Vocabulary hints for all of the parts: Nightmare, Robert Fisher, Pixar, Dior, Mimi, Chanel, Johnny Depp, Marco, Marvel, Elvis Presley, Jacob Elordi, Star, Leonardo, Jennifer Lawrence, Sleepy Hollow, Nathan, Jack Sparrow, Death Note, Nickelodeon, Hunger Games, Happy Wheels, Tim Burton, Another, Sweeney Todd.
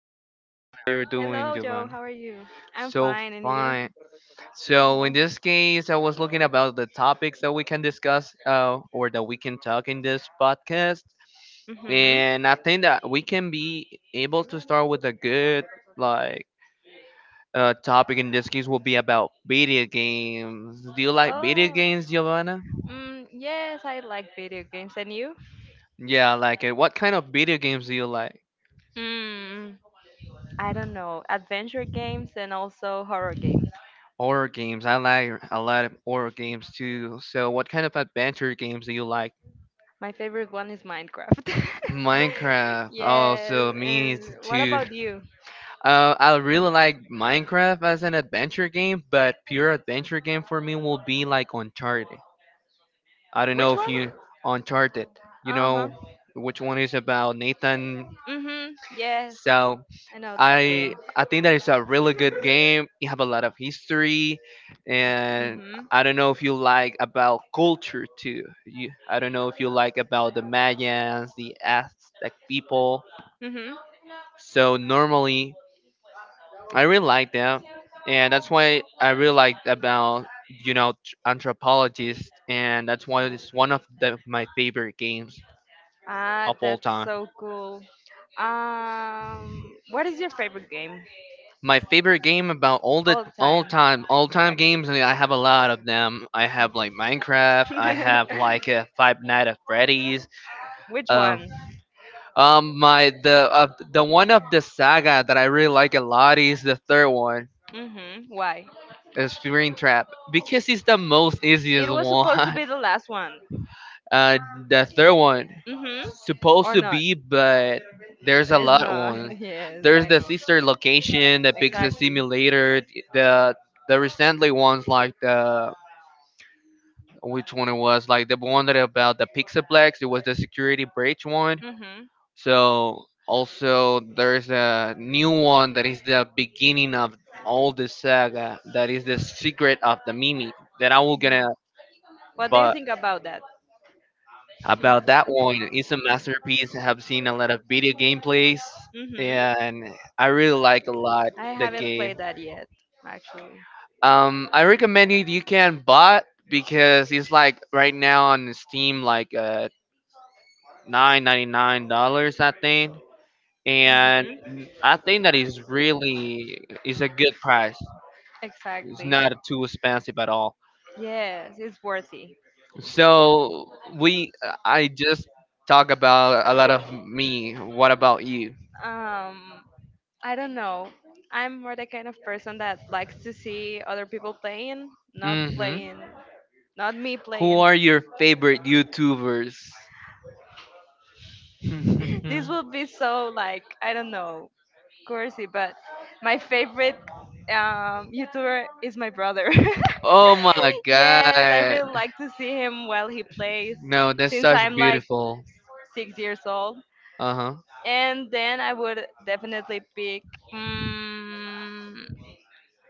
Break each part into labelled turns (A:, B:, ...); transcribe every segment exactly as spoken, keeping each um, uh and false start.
A: Giovanna.
B: How
A: How
B: you
A: you're
B: Hello, doing?
A: doing,
B: Joe. How
A: Giovanna?
B: are you? I'm
A: So
B: fine, and you?
A: fine. So in this case, I was looking about the topics that we can discuss uh, or that we can talk in this podcast, and
B: Mm-hmm.
A: I think that we can be able to start with a good like uh, topic. In this case, will be about video games. Do you like video games,
B: Oh,
A: Giovanna?
B: mm, yes, I like video games, and you?
A: Yeah, I like it. What kind of video games do you like?
B: Hmm, I don't know. Adventure games and also horror games.
A: Horror games. I like a lot of horror games too. So, what kind of adventure games do you like?
B: My favorite one is Minecraft.
A: Minecraft.
B: Yes,
A: Also, me
B: and what
A: too.
B: about you?
A: Uh, I really like Minecraft as an adventure game, but pure adventure game for me will be like Uncharted. I don't know
B: Which
A: if
B: one?
A: you Uncharted. You
B: Uh huh.
A: know which one is about Nathan.
B: know Mm hmm. Yes,
A: So
B: that I know that
A: I
B: game.
A: I think that it's a really good game. You have a lot of history,
B: Mm
A: and
B: hmm.
A: I don't know if you like about culture too. You, I don't know if you like about the Mayans, the Aztec people.
B: Mm hmm.
A: So normally, I really like them, and that's why I really like about you know tr- anthropologists, and that's why it's one of the, my favorite games
B: Ah,
A: of all
B: that's
A: time.
B: so cool. Um, what is your favorite game
A: My favorite game about all the
B: all
A: all
B: time?
A: time all time
B: Yeah, game.
A: games, and I have a lot of them. I have like Minecraft. I have like uh, Five Night at Freddy's.
B: Which
A: Uh,
B: one?
A: um, my the uh, the one of the saga that I really like a lot is the third one,
B: Mhm. Why?
A: is Spring Trap, because it's the most easiest
B: It was supposed to
A: one.
B: be the last one.
A: Uh, the third one,
B: Mhm.
A: supposed
B: Or
A: to
B: not?
A: be, but
B: It's
A: there's a lot of
B: not.
A: ones.
B: Yes,
A: There's
B: I
A: the
B: know.
A: sister location, the Pixar
B: Exactly.
A: simulator, the the recently ones like the which one it was like the one that about the Pixaplex. It was the security breach one.
B: Mhm.
A: So also there's a new one that is the beginning of all the saga. That is the secret of the Mimi that I will gonna
B: What do you
A: buy.
B: think about that?
A: About that one. It's a masterpiece. I have seen a lot of video gameplays,
B: Mhm.
A: and I really like a lot
B: I
A: the
B: haven't
A: game.
B: played that yet, actually.
A: Um, I recommend it. You can buy because it's like right now on Steam, like uh nine ninety nine dollars, I think. And I think that is really is a good price. It's
B: Exactly.
A: not too expensive at all.
B: Yes, it's worthy.
A: So we, I just talk about a lot of me. What about you?
B: Um, I don't know. I'm more the kind of person that likes to see other people playing, not playing, not me who
A: Who
B: playing.
A: are your
B: Who
A: favorite YouTubers?
B: this will be so like I don't know, cursy, but my favorite um YouTuber is my brother.
A: Oh my
B: Yes, I
A: god.
B: really like to see him while he plays
A: No, that's
B: since
A: such
B: I'm like
A: beautiful.
B: six years old.
A: Uh huh.
B: And then I would definitely pick mm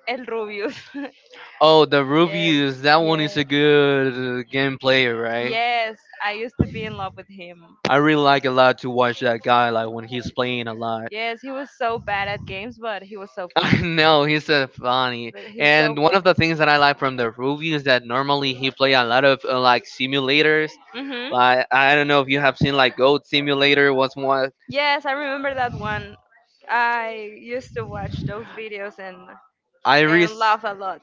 B: El Rubius.
A: Oh, the
B: Yes.
A: Rubius, that one is a
B: Yes.
A: good uh, game player, right?
B: Yes, I used to be in love with him.
A: I really like a lot to watch that guy like when he's playing a lot.
B: Yes, he was so bad at games, but he was so
A: I
B: fun.
A: know he's so funny,
B: But he's so
A: and one
B: fun. fun.
A: of the things that I like from the movie is that normally he play a lot of uh, like simulators.
B: Mhm.
A: Like I don't know if you have seen like Goat Simulator was one.
B: Yes, I remember that one. I used to watch those videos and I really, and
A: Iris,
B: laugh a lot.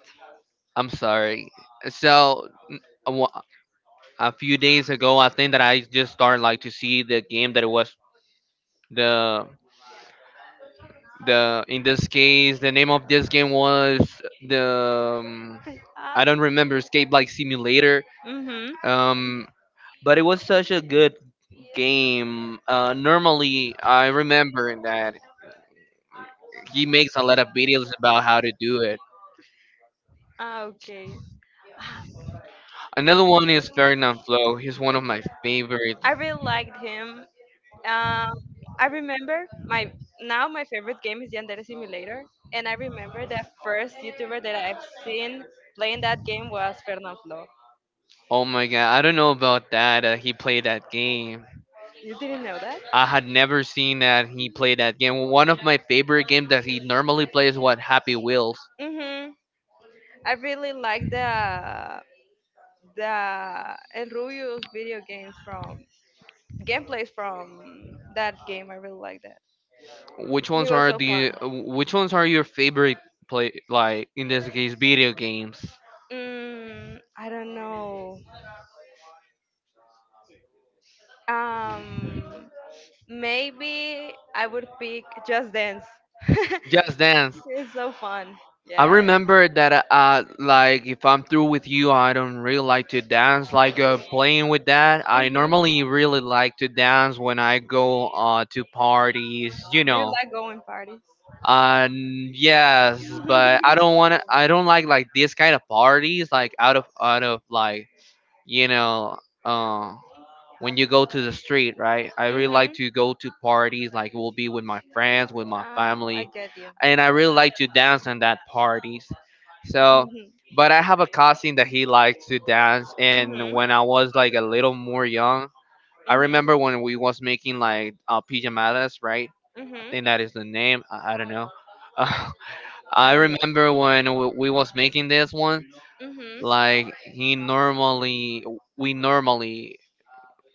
A: I'm sorry. So a wa- a few days ago, I think that I just started like to see the game that it was the the in this case the name of this game was the um, I
B: I
A: don't remember Escape like Simulator.
B: Mhm.
A: Um, but it was such a good game. Uh, normally, I remember that he makes a lot of videos about how to do it.
B: Ah, okay. know
A: Another one is Ferdinand Flow. He's one of my favorite.
B: I really liked him. Um, I remember my now my favorite game is Yandere Simulator, and I remember the first YouTuber that I've seen playing that game was Fernanfloo.
A: Oh my god, I don't know about that. Uh, he played that game.
B: You didn't know that?
A: I had never seen that he played that game. One of my favorite games that he normally plays what Happy Wheels.
B: Mhm. I really like the the El Rubio's video games from gameplays from that game. I really like that.
A: Which
B: He
A: ones
B: was
A: are
B: so fun.
A: the which ones are your favorite play like in this case video games?
B: Mm, I don't know. Um, Maybe I would pick Just Dance.
A: Just Dance.
B: It's so fun.
A: I
B: Yes.
A: remember that uh like if I'm through with you I don't really like to dance like uh,
B: Hmm.
A: playing with that. I normally really like to dance when I go uh to parties, you
B: Do you
A: know.
B: like going parties?
A: Um, yes, but I
B: Hmm.
A: don't want to. I don't like like this kind of parties, like out of out of like you know, uh, when you go to the street, right? I really like to go to parties, like it will be with my friends, with my
B: Ah, I
A: family,
B: get you.
A: and I really like to dance in that parties. So,
B: Mhm. Mhm.
A: but I have a cousin that he likes to dance, and when I was like a little more young, I remember when we was making like uh, pijamadas, right?
B: Mhm. Mhm.
A: I think that is the name. I, I don't know. Uh, I
B: I don't
A: remember
B: know.
A: when w- we was making this one,
B: Mhm.
A: like he normally we normally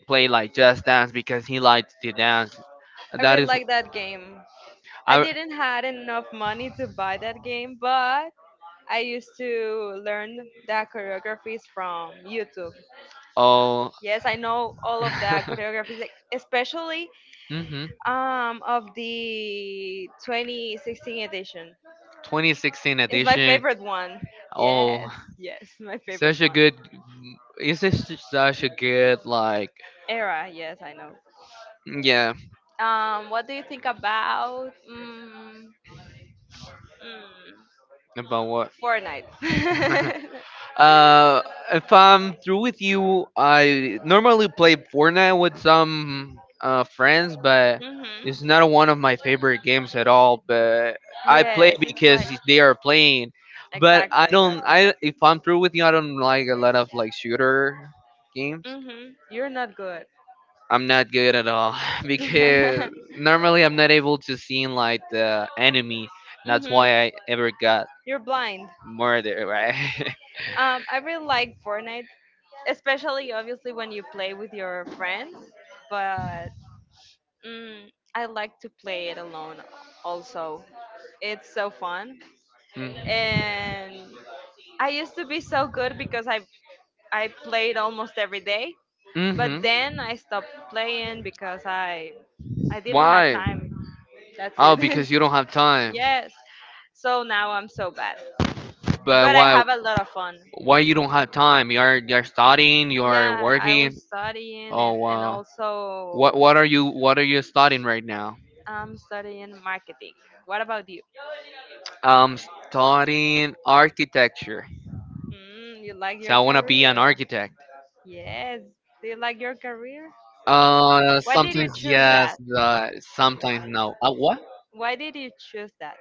A: play like just dance because he likes to dance.
B: I
A: That
B: really
A: is
B: like that game. I
A: I
B: didn't had enough money to buy that game, but I used to learn the choreographies from YouTube.
A: oh.
B: Yes, I know all of the choreographies, e, especially
A: Mm-hmm.
B: um, of the twenty sixteen edition.
A: twenty sixteen
B: It's my
A: edition.
B: favorite one.
A: Oh,
B: Yes, yes, my favorite
A: such a
B: one.
A: good. Is this just such a good like?
B: Era, yes, I know.
A: Yeah,
B: Um, what do you think about mm, mm,
A: about what?
B: Fortnite?
A: uh, if I'm through with you, I normally play Fortnite with some uh, friends, but
B: Hmm.
A: it's not one of my favorite games at all. But I play
B: Yes, it's like
A: because they are playing. But I
B: exactly. I got
A: don't. I
B: you.
A: if I'm through with you, I don't like a lot of like shooter games.
B: Hmm. You're not good.
A: I'm not good at all because normally I'm not able to see like the enemy. That's why
B: Hmm.
A: I ever got
B: You're blind.
A: murdered, right?
B: Um, I really like Fortnite, especially obviously when you play with your friends, but mm, I like to play it alone also. It's so fun. And I used to be so good because I, I played almost every day,
A: Mm.
B: but
A: Mhm.
B: then I stopped playing because I I didn't have
A: Why?
B: time. That's
A: Oh,
B: it.
A: because you don't have time.
B: Yes. So now I'm so bad.
A: But
B: But I
A: why
B: have a lot of fun.
A: why you don't have time? You are you're studying, you are
B: Yeah, I was
A: working.
B: studying
A: Oh
B: and, and
A: wow. What
B: also
A: what are you what are you studying right now?
B: I'm studying marketing. What about you?
A: I'm studying architecture.
B: Mm, you like
A: So
B: your
A: I wanna be an
B: career?
A: architect.
B: Yes. Do you like your career?
A: Uh,
B: Why did you
A: sometimes
B: choose
A: yes,
B: that?
A: but sometimes no. Uh, what?
B: Why did you choose that?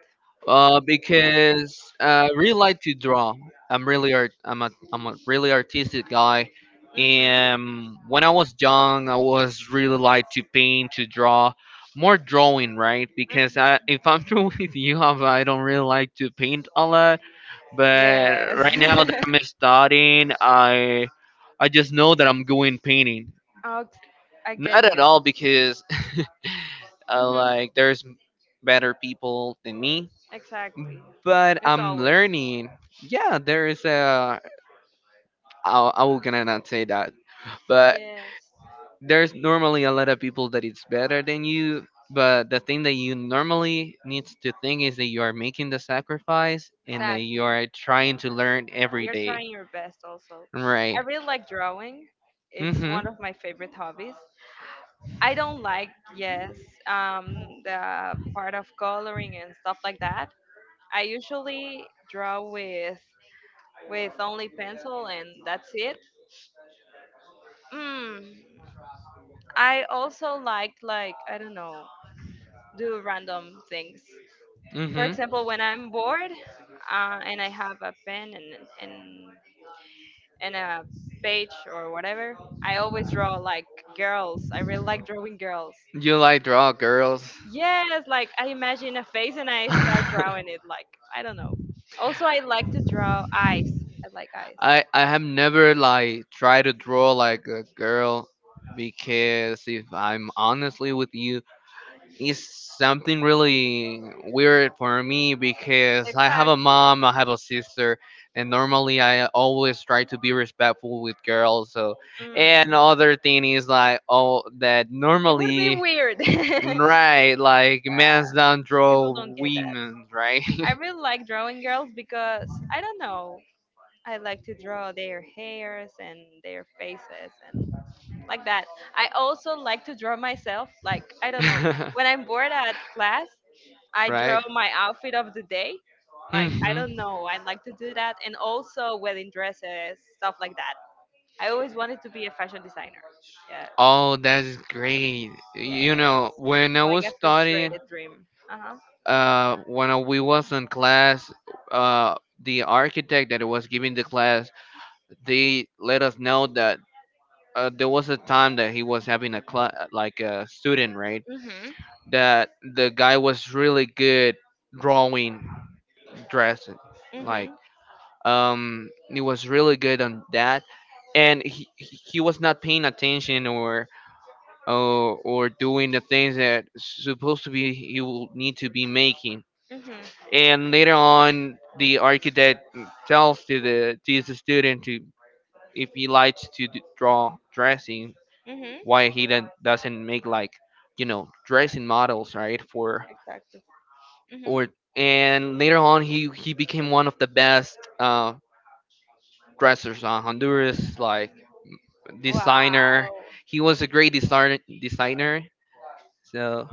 A: Uh, because uh, I really like to draw. I'm really art. I'm a I'm a really artistic guy,
B: Mhm.
A: and when I was young, I was really like to paint, to draw, more drawing, right? Because I,
B: Mhm.
A: if I'm true with you, I don't really like to paint a lot. But
B: Yes.
A: right now that I'm studying, I I just know that I'm going painting.
B: Oh, I get
A: Not at all
B: you.
A: because uh,
B: Mhm.
A: like there's better people than me
B: Exactly.
A: but
B: It's
A: I'm
B: always.
A: learning. Yeah, there is a. I, I will gonna not say that, but
B: Yes. you
A: there's normally a lot of people that it's better than you. But the thing that you normally needs to think is that you are making the sacrifice and that you
B: Exactly.
A: are trying to learn every
B: You're
A: day.
B: trying your best also.
A: Right.
B: I really like drawing. It's
A: Mm-hmm.
B: one of my favorite hobbies. I don't like, yes, um, the part of coloring and stuff like that. I usually draw with with only pencil and that's it. Mm, I also like like I don't know do random things. For
A: Mm-hmm.
B: example, when I'm bored uh, and I have a pen and, and, and a page or whatever, I always draw like girls. I really like drawing girls.
A: You like draw girls?
B: Yes, like I imagine a face and I start
A: I
B: drawing it. Like, I don't know. Also, I like to draw eyes. I like eyes.
A: I have never like tried to draw like a girl because if I'm honestly with you, is something really weird for me because
B: It's
A: I have
B: like,
A: a mom, I have a sister, and normally I always try to be respectful with girls. So, and
B: mm,
A: other thing is like oh that
B: it would be
A: normally
B: weird. People
A: right like men don't draw
B: don't get that.
A: women right.
B: I really like drawing girls because I don't know. I like to draw their hairs and their faces and like that. I also like to draw myself. Like, I don't know. When I'm bored at class, I draw
A: Right.
B: my outfit of the day. Like, I
A: Hmm.
B: don't know. I like to do that. And also wedding dresses, stuff like that. I always wanted to be a fashion designer. Yes.
A: Oh, that's great. You
B: Yeah.
A: know, when I
B: Like
A: was
B: a
A: studying,
B: frustrated dream. Uh huh.
A: uh, when I- we was in class, uh, the architect that was giving the class, they let us know that uh, there was a time that he was having a class, like a student, right?
B: Mhm.
A: That the guy was really good drawing, dressing, like
B: Mhm.
A: um, he was really good on that, and he he he was not paying attention or or, or doing the things that supposed to be he will need to be making.
B: Mhm.
A: And later on, the architect tells to the to the student to if he likes to d- draw dressing,
B: Mhm.
A: why he then doesn't make like you know dressing models, right? For
B: Exactly. Mhm.
A: or And later on, he he became one of the best uh, dressers on Honduras, like designer.
B: Wow.
A: He was a great designer designer. So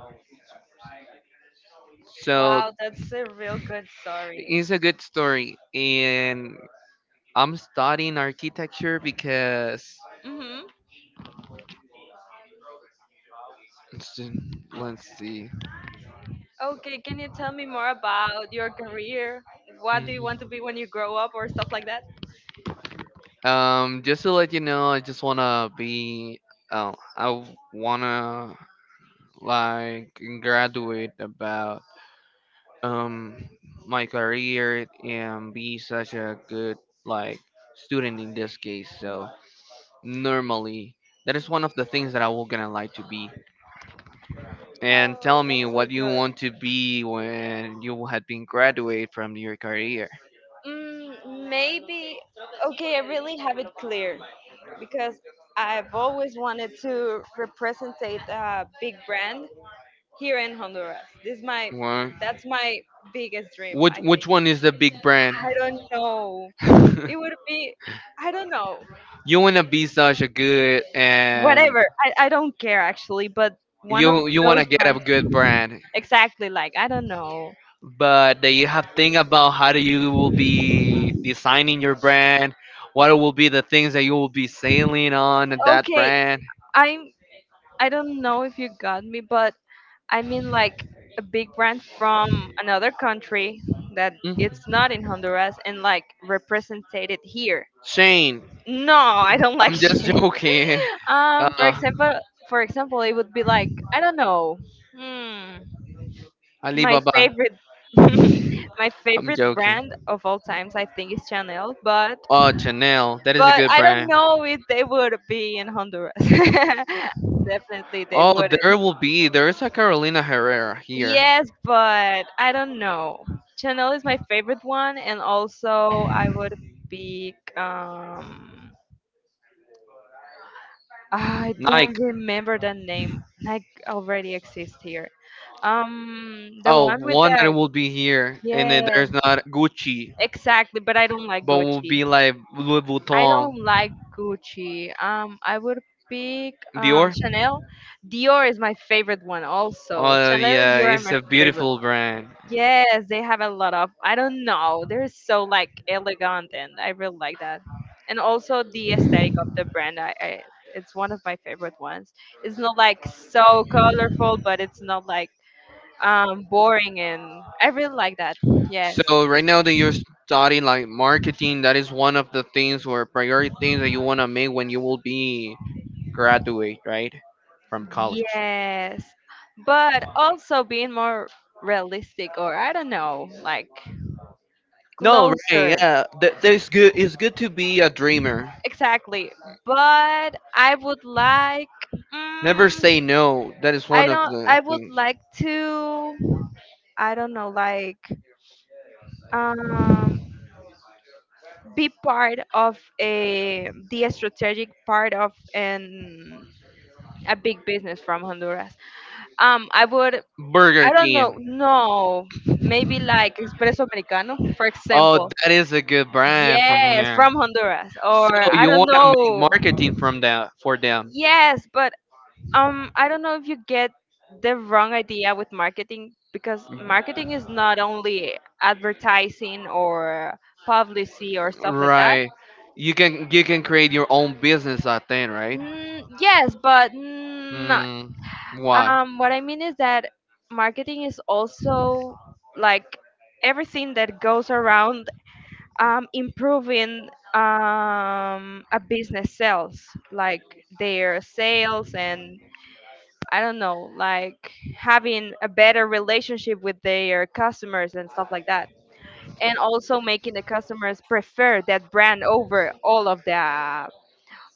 A: so
B: Wow, that's a real good story.
A: it's a good story, and I'm studying architecture because
B: Mm-hmm.
A: let's see.
B: Okay, can you tell me more about your career? What do you want to be when you
A: Mm-hmm.
B: grow up or stuff like that?
A: Um, just to let you know, I just wanna be. Oh, I w- wanna like graduate about um my career and be such a good like student in this case. So normally. That is one of the things that I was gonna like to be. And
B: Oh,
A: tell me
B: that's so
A: what you
B: good.
A: want to be when you had been graduate from your career.
B: Mm, maybe, okay, I really have it clear because I've always wanted to represent a big brand here in Honduras. This is my,
A: Wha-
B: that's my biggest dream.
A: Which which one is the big brand?
B: I don't know. It would be, I don't know,
A: You wanna be such a good and
B: whatever. I, I don't care actually, but one of
A: you you
B: those
A: wanna get a
B: ones
A: good brand.
B: exactly like I don't know.
A: But that you have think about how do you will be designing your brand, what will be the things that you will be selling on that
B: Okay,
A: brand.
B: I'm I don't know if you got me, but I mean like a big brand from another country that
A: Mm.
B: it's not in Honduras and like represented here.
A: Shane,
B: No, I don't like
A: I'm
B: shit.
A: just joking.
B: Um, for
A: Uh,
B: example, for example, it would be like I don't know. Hmm. My
A: Alibaba,
B: favorite, my
A: I'm
B: favorite
A: joking.
B: brand of all times, I think, is Chanel. But
A: Oh, Chanel. That is a
B: But
A: good
B: I don't
A: brand.
B: know if they would be in Honduras. Definitely they
A: Oh,
B: wouldn't.
A: there will be. There is a Carolina Herrera here.
B: Yes, but I don't know. Chanel is my favorite one, and also I would pick. Um, I don't
A: Nike.
B: remember the name. Like already exists here. Um, the
A: Oh,
B: one with
A: one that
B: the
A: will be here, and then there's
B: yes,
A: not Gucci,
B: exactly. But I don't like
A: but will
B: Gucci.
A: be like Louis
B: I
A: Vuitton,
B: don't like Gucci. Um, I would pick um,
A: Dior.
B: Chanel. Dior is my favorite one also.
A: Oh
B: Chanel and
A: yeah,
B: Dior are
A: it's
B: my
A: a
B: favorite
A: beautiful
B: one.
A: brand.
B: Yes, they have a lot of. I don't know. They're so like elegant, and I really like that. And also the aesthetic of the brand. I, I it's one of my favorite ones. It's not like so colorful, but it's not like um boring, and I really like that. Yes.
A: So right now that you're studying like marketing, that is one of the things or priority things that you wanna make when you will be graduate, right? From college.
B: Yes, but also being more realistic, or I don't know, like
A: No, right,
B: closer.
A: yeah. That there's good it's good to be a dreamer.
B: Exactly. But I would like,
A: Never say
B: mm,
A: no. That is one
B: I
A: of
B: don't,
A: the
B: I would
A: things.
B: like to, I don't know, like, um, be part of a, the strategic part of an, a big business from Honduras. Um, I would
A: Burger
B: I don't
A: King.
B: know. No, maybe like espresso americano, for
A: Oh,
B: example.
A: that is a good brand from
B: Yes,
A: here.
B: from Honduras, or
A: So
B: I
A: you
B: don't
A: wanna make
B: know.
A: marketing from that for them.
B: Yes, but um, I don't know if you get the wrong idea with marketing because marketing is not only advertising or publicity or stuff like that.
A: Right. You can you can create your own business I think, right?
B: Mm, yes, but not.
A: Hmm. Why?
B: Um, what I mean is that marketing is also like everything that goes around um, improving um, a business sales, like their sales and I don't know, like having a better relationship with their customers and stuff like that. And also making the customers prefer that brand over all of the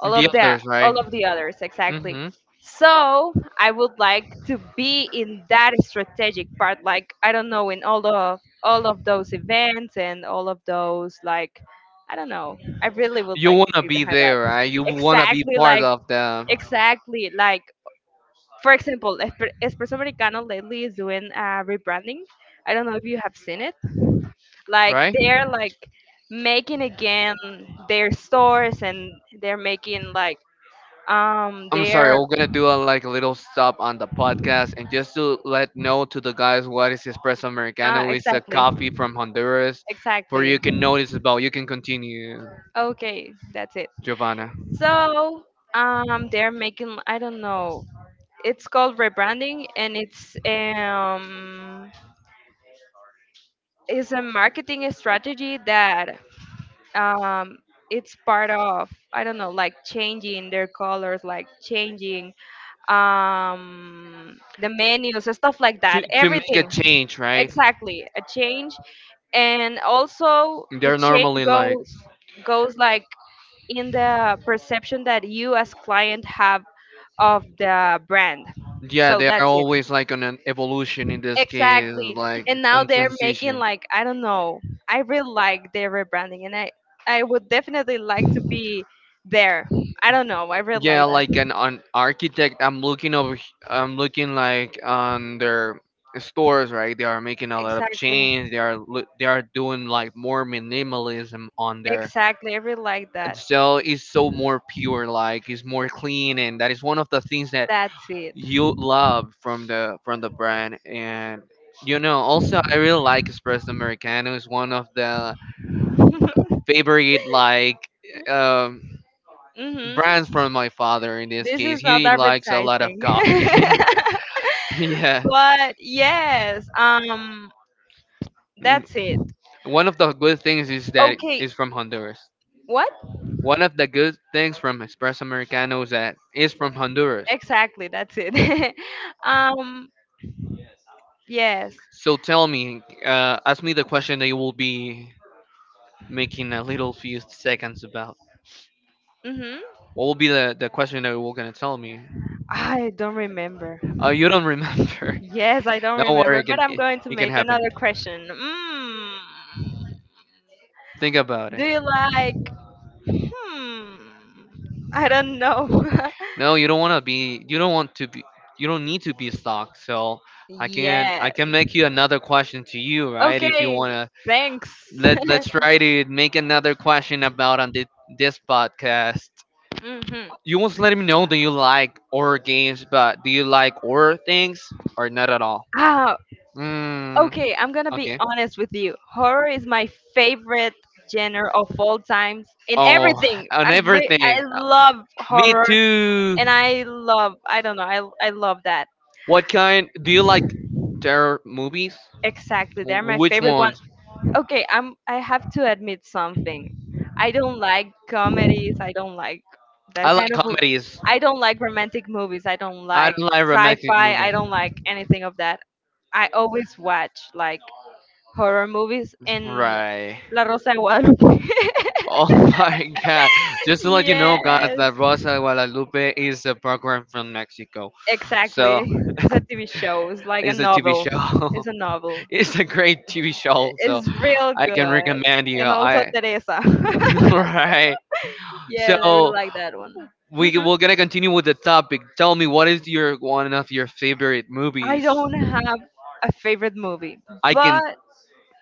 B: all of that
A: others, right?
B: all of the others exactly.
A: Mm-hmm.
B: So I would like to be in that strategic part, like I don't know, in all of all of those events and all of those like I don't know I really would
A: You
B: like
A: wanna
B: to
A: be
B: behind that
A: there, right? You wanna be
B: exactly
A: part
B: like
A: of them,
B: exactly like for example Espe- espresso americano lately is doing a rebranding. I don't know if you have seen it. Like
A: right?
B: they're like making again their stores, and they're making like um,
A: I'm sorry,
B: they're
A: we're gonna do a like a little stop on the podcast and just to let know to the guys what is espresso
B: uh,
A: americano. It's a
B: exactly,
A: coffee from Honduras. For
B: exactly.
A: you can notice about you can continue,
B: Okay, that's it.
A: Giovanna.
B: So, um, they're making I don't know. It's called rebranding, and it's um, it's a marketing strategy that um, it's part of I don't know, like changing their colors, like changing um, the menus, stuff like
A: To
B: that.
A: to make a
B: Everything,
A: change, right?
B: exactly, a change, and also the
A: They're
B: change
A: normally like
B: goes goes like in the perception that you as client have of the brand.
A: yeah,
B: So
A: they
B: that's
A: are always like on an evolution in this case,
B: exactly.
A: like
B: And now
A: on
B: they're making
A: transition.
B: like I don't know. I really like their rebranding, and I I would definitely like to be there. I don't know. I really
A: Yeah,
B: like
A: like
B: that.
A: an, an architect. I'm looking over. h- I'm looking like on their stores, right? They are making a lot of
B: Exactly.
A: change. They are loo- they are doing like more minimalism on there,
B: Exactly, I really like
A: and
B: that.
A: so it's so more pure, like it's more clean, and that is one of the things that
B: That's it.
A: you love from the from the brand. And you know, also I really like espresso americano. It's one of the favorite like um brands
B: Hmm.
A: from my father in this
B: This
A: case.
B: is not
A: He likes a lot of
B: advertising.
A: coffee. yeah.
B: But yes, um,
A: Mm.
B: that's it.
A: One of the good things is that
B: Okay,
A: it's from Honduras.
B: what?
A: One of the good things from Espresso Americano is that it's from Honduras.
B: Exactly, that's it. um, yes.
A: So tell me, uh, ask me the question that you will be making a little few seconds about.
B: Mm-hmm.
A: What will be the, the question that you were gonna tell me?
B: I don't remember.
A: Uh, you don't remember.
B: Yes, I don't
A: don't worry,
B: remember,
A: it
B: but
A: can
B: I'm
A: it,
B: going to
A: it can
B: make
A: happen.
B: another question. Mm.
A: Think about it.
B: Do you like hmm. I don't know.
A: No, you don't want to be. You don't want to be. You don't need to be stuck. So I can I
B: Yeah.
A: can make you another question to you, right? If you
B: Okay.
A: wanna
B: Thanks.
A: let let's try to make another question about on thi- this podcast.
B: Hmm.
A: You must let me know. Do you like horror games? But do you like horror things or not at all?
B: Ah,
A: Mm,
B: okay. I'm gonna be
A: okay.
B: honest with you. Horror is my favorite genre of all times in
A: Oh,
B: everything.
A: on
B: I re-
A: everything.
B: I
A: Uh,
B: love
A: Me
B: horror,
A: too.
B: and I love. I don't know. I I love that.
A: What kind do you like terror movies?
B: Exactly. They're
A: Wh-
B: my
A: Which
B: favorite
A: ones?
B: okay i'm I have to admit something. I don't like comedies. I don't like
A: I
B: that
A: like
B: kind of mo-
A: comedies.
B: I don't like romantic movies. I don't
A: I
B: like
A: don't like romantic
B: sci-fi. I
A: movies.
B: don't like anything of that. I always watch like horror movies in
A: Right.
B: la rosa de guadalupe.
A: Oh my god. Just to let you know, guys,
B: Yes,
A: that Rosa de Guadalupe is a program from Mexico. So,
B: exactly, it's a TV show, it's like a
A: it's a T V
B: novel, it's
A: show.
B: a novel,
A: it's a great T V show. So,
B: it's real
A: I can
B: good.
A: recommend you.
B: And also
A: I.
B: Teresa.
A: right.
B: Yeah, I really
A: So,
B: like that one.
A: we
B: Hmm.
A: we're gonna continue with the topic. Tell me, what is your one of your favorite
B: I
A: movies?
B: don't have a favorite movie,
A: I can.
B: but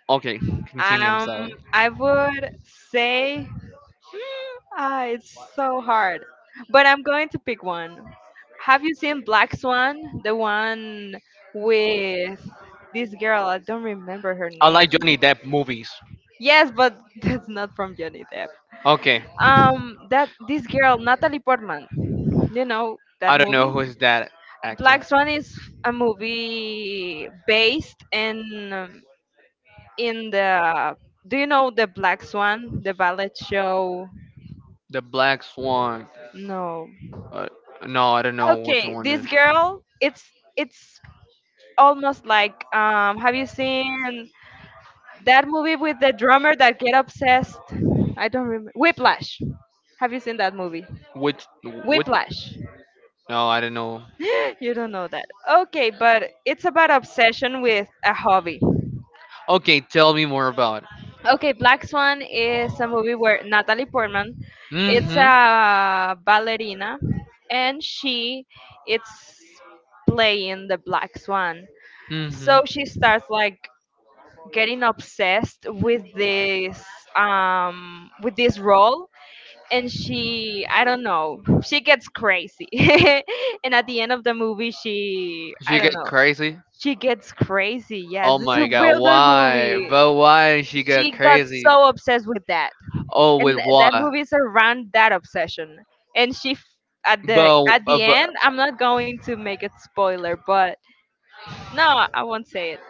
A: Okay, continue. I'm
B: um,
A: sorry.
B: I would say hmm, ah, it's so hard. But I'm going to pick one. Have you seen Black Swan? The one with this girl. I don't remember her
A: I
B: name.
A: like Johnny Depp movies.
B: Yes, but that's not from Johnny Depp.
A: Okay,
B: Um, that this girl Natalie Portman. You know that
A: I don't know
B: movie?
A: who is that
B: Black
A: actress.
B: Swan is a movie based in um, in the. Do you know the Black Swan, the ballet show?
A: The Black Swan.
B: No.
A: Uh, no, I don't know which
B: Okay,
A: one
B: this
A: is.
B: girl, it's it's almost like. Um, have you seen that movie with the drummer that get obsessed? I don't remember. Whiplash. Have you seen that movie?
A: Which which?
B: Whiplash.
A: No, I don't know.
B: you don't know that. Okay, but it's about obsession with a hobby.
A: Okay, tell me more about it.
B: Okay, Black Swan is a movie where Natalie Portman, it's Mm.
A: Mm-hmm.
B: a ballerina, and she it's playing the Black Swan.
A: Hmm.
B: So she starts like getting obsessed with this um with this role, and she, I don't know, she gets crazy. And at the end of the movie, she, I
A: She
B: don't
A: get
B: know,
A: crazy.
B: she gets crazy, yes. Oh,
A: Oh
B: it's a
A: my god,
B: real good
A: why?
B: movie.
A: But why she get
B: She got
A: crazy?
B: so obsessed with that,
A: Oh,
B: and
A: with
B: th- that
A: what?
B: movie is around that obsession. And she f- at the
A: But,
B: at
A: uh,
B: the
A: but
B: end, I'm not going to make it spoiler, but no, I won't say it,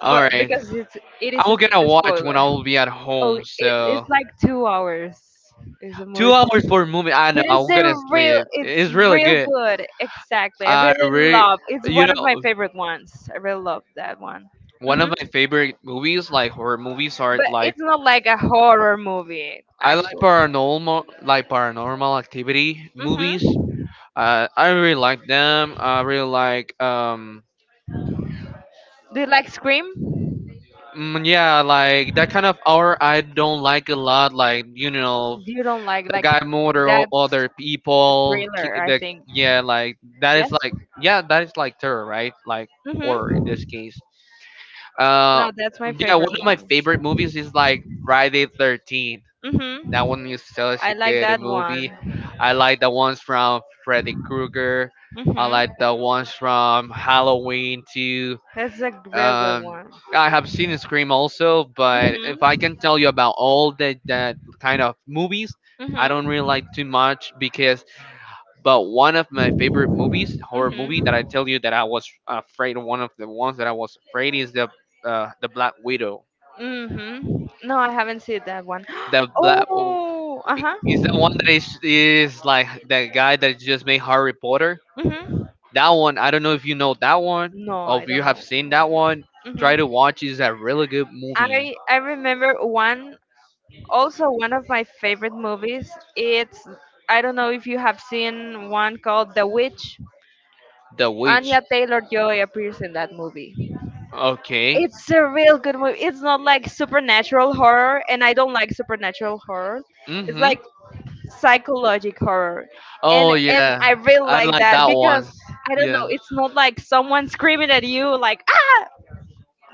A: all
B: but
A: right.
B: because it's it is a,
A: I'm gonna
B: a
A: watch when I
B: spoiler.
A: will be at
B: Oh,
A: home.
B: it, it's
A: So
B: like two hours. Is a movie
A: two
B: for
A: hours for a movie. I
B: but
A: know.
B: it's
A: I'm
B: a
A: gonna
B: real,
A: sleep.
B: it's
A: It's really
B: real
A: good.
B: good. Exactly, I
A: I
B: really
A: really,
B: love. It's
A: you
B: one of
A: know,
B: my favorite ones. I really love that one.
A: one
B: Hmm.
A: of my favorite movies, like horror movies, are
B: But
A: like
B: it's not like a horror movie,
A: I like
B: actually.
A: paranormal, like paranormal activity movies.
B: Mm-hmm.
A: I I really like them. I really like um
B: Do you like Scream?
A: mm, yeah, like that kind of hour I don't like a lot. Like you know
B: Do you don't like
A: the
B: like
A: guy murder o-
B: that's
A: other people.
B: thriller,
A: ki-
B: I
A: The
B: think.
A: yeah, like that is
B: Yes.
A: like yeah, that is like terror, right? Like horror in this
B: Mm-hmm.
A: case. Uh,
B: No, that's my
A: yeah,
B: favorite
A: one of my
B: one.
A: favorite movies is like Friday Thirteenth.
B: Mm-hmm.
A: That one is such
B: I
A: a
B: like
A: good
B: that
A: movie.
B: one.
A: I like the ones from Freddy Krueger. I
B: Mm-hmm.
A: like the ones from Halloween too.
B: That's a real good
A: Um,
B: one.
A: I have seen Scream also, but
B: Mm-hmm.
A: if I can tell you about all that that kind of movies, I don't really like too much because. But one of my favorite movies,
B: Mm-hmm.
A: horror movie
B: Mm-hmm.
A: that I tell you that I was afraid, one of the ones that I was afraid is the uh, the Black Widow.
B: Mm-hmm. No, I haven't seen that one.
A: The Black
B: Oh, uh-huh.
A: is the one that is is like that guy that just made Harry Potter.
B: Mm-hmm.
A: That one, I don't know if you know that one
B: No,
A: or
B: I
A: if you
B: don't
A: have
B: know.
A: seen that one. Try to
B: Mm-hmm.
A: watch. Is a really good movie.
B: I I remember one, also one of my favorite movies. It's I don't know if you have seen one called The Witch.
A: The Witch.
B: Anya Taylor Joy appears in that movie.
A: Okay.
B: It's a real good movie. It's not like supernatural horror, and I don't like supernatural horror. It's
A: Mm-hmm.
B: like psychologic horror, and
A: Oh
B: and
A: yeah,
B: i really
A: I
B: like
A: like
B: that
A: that one.
B: because I don't know,
A: Yeah.
B: it's not like someone screaming at you like "Ah!"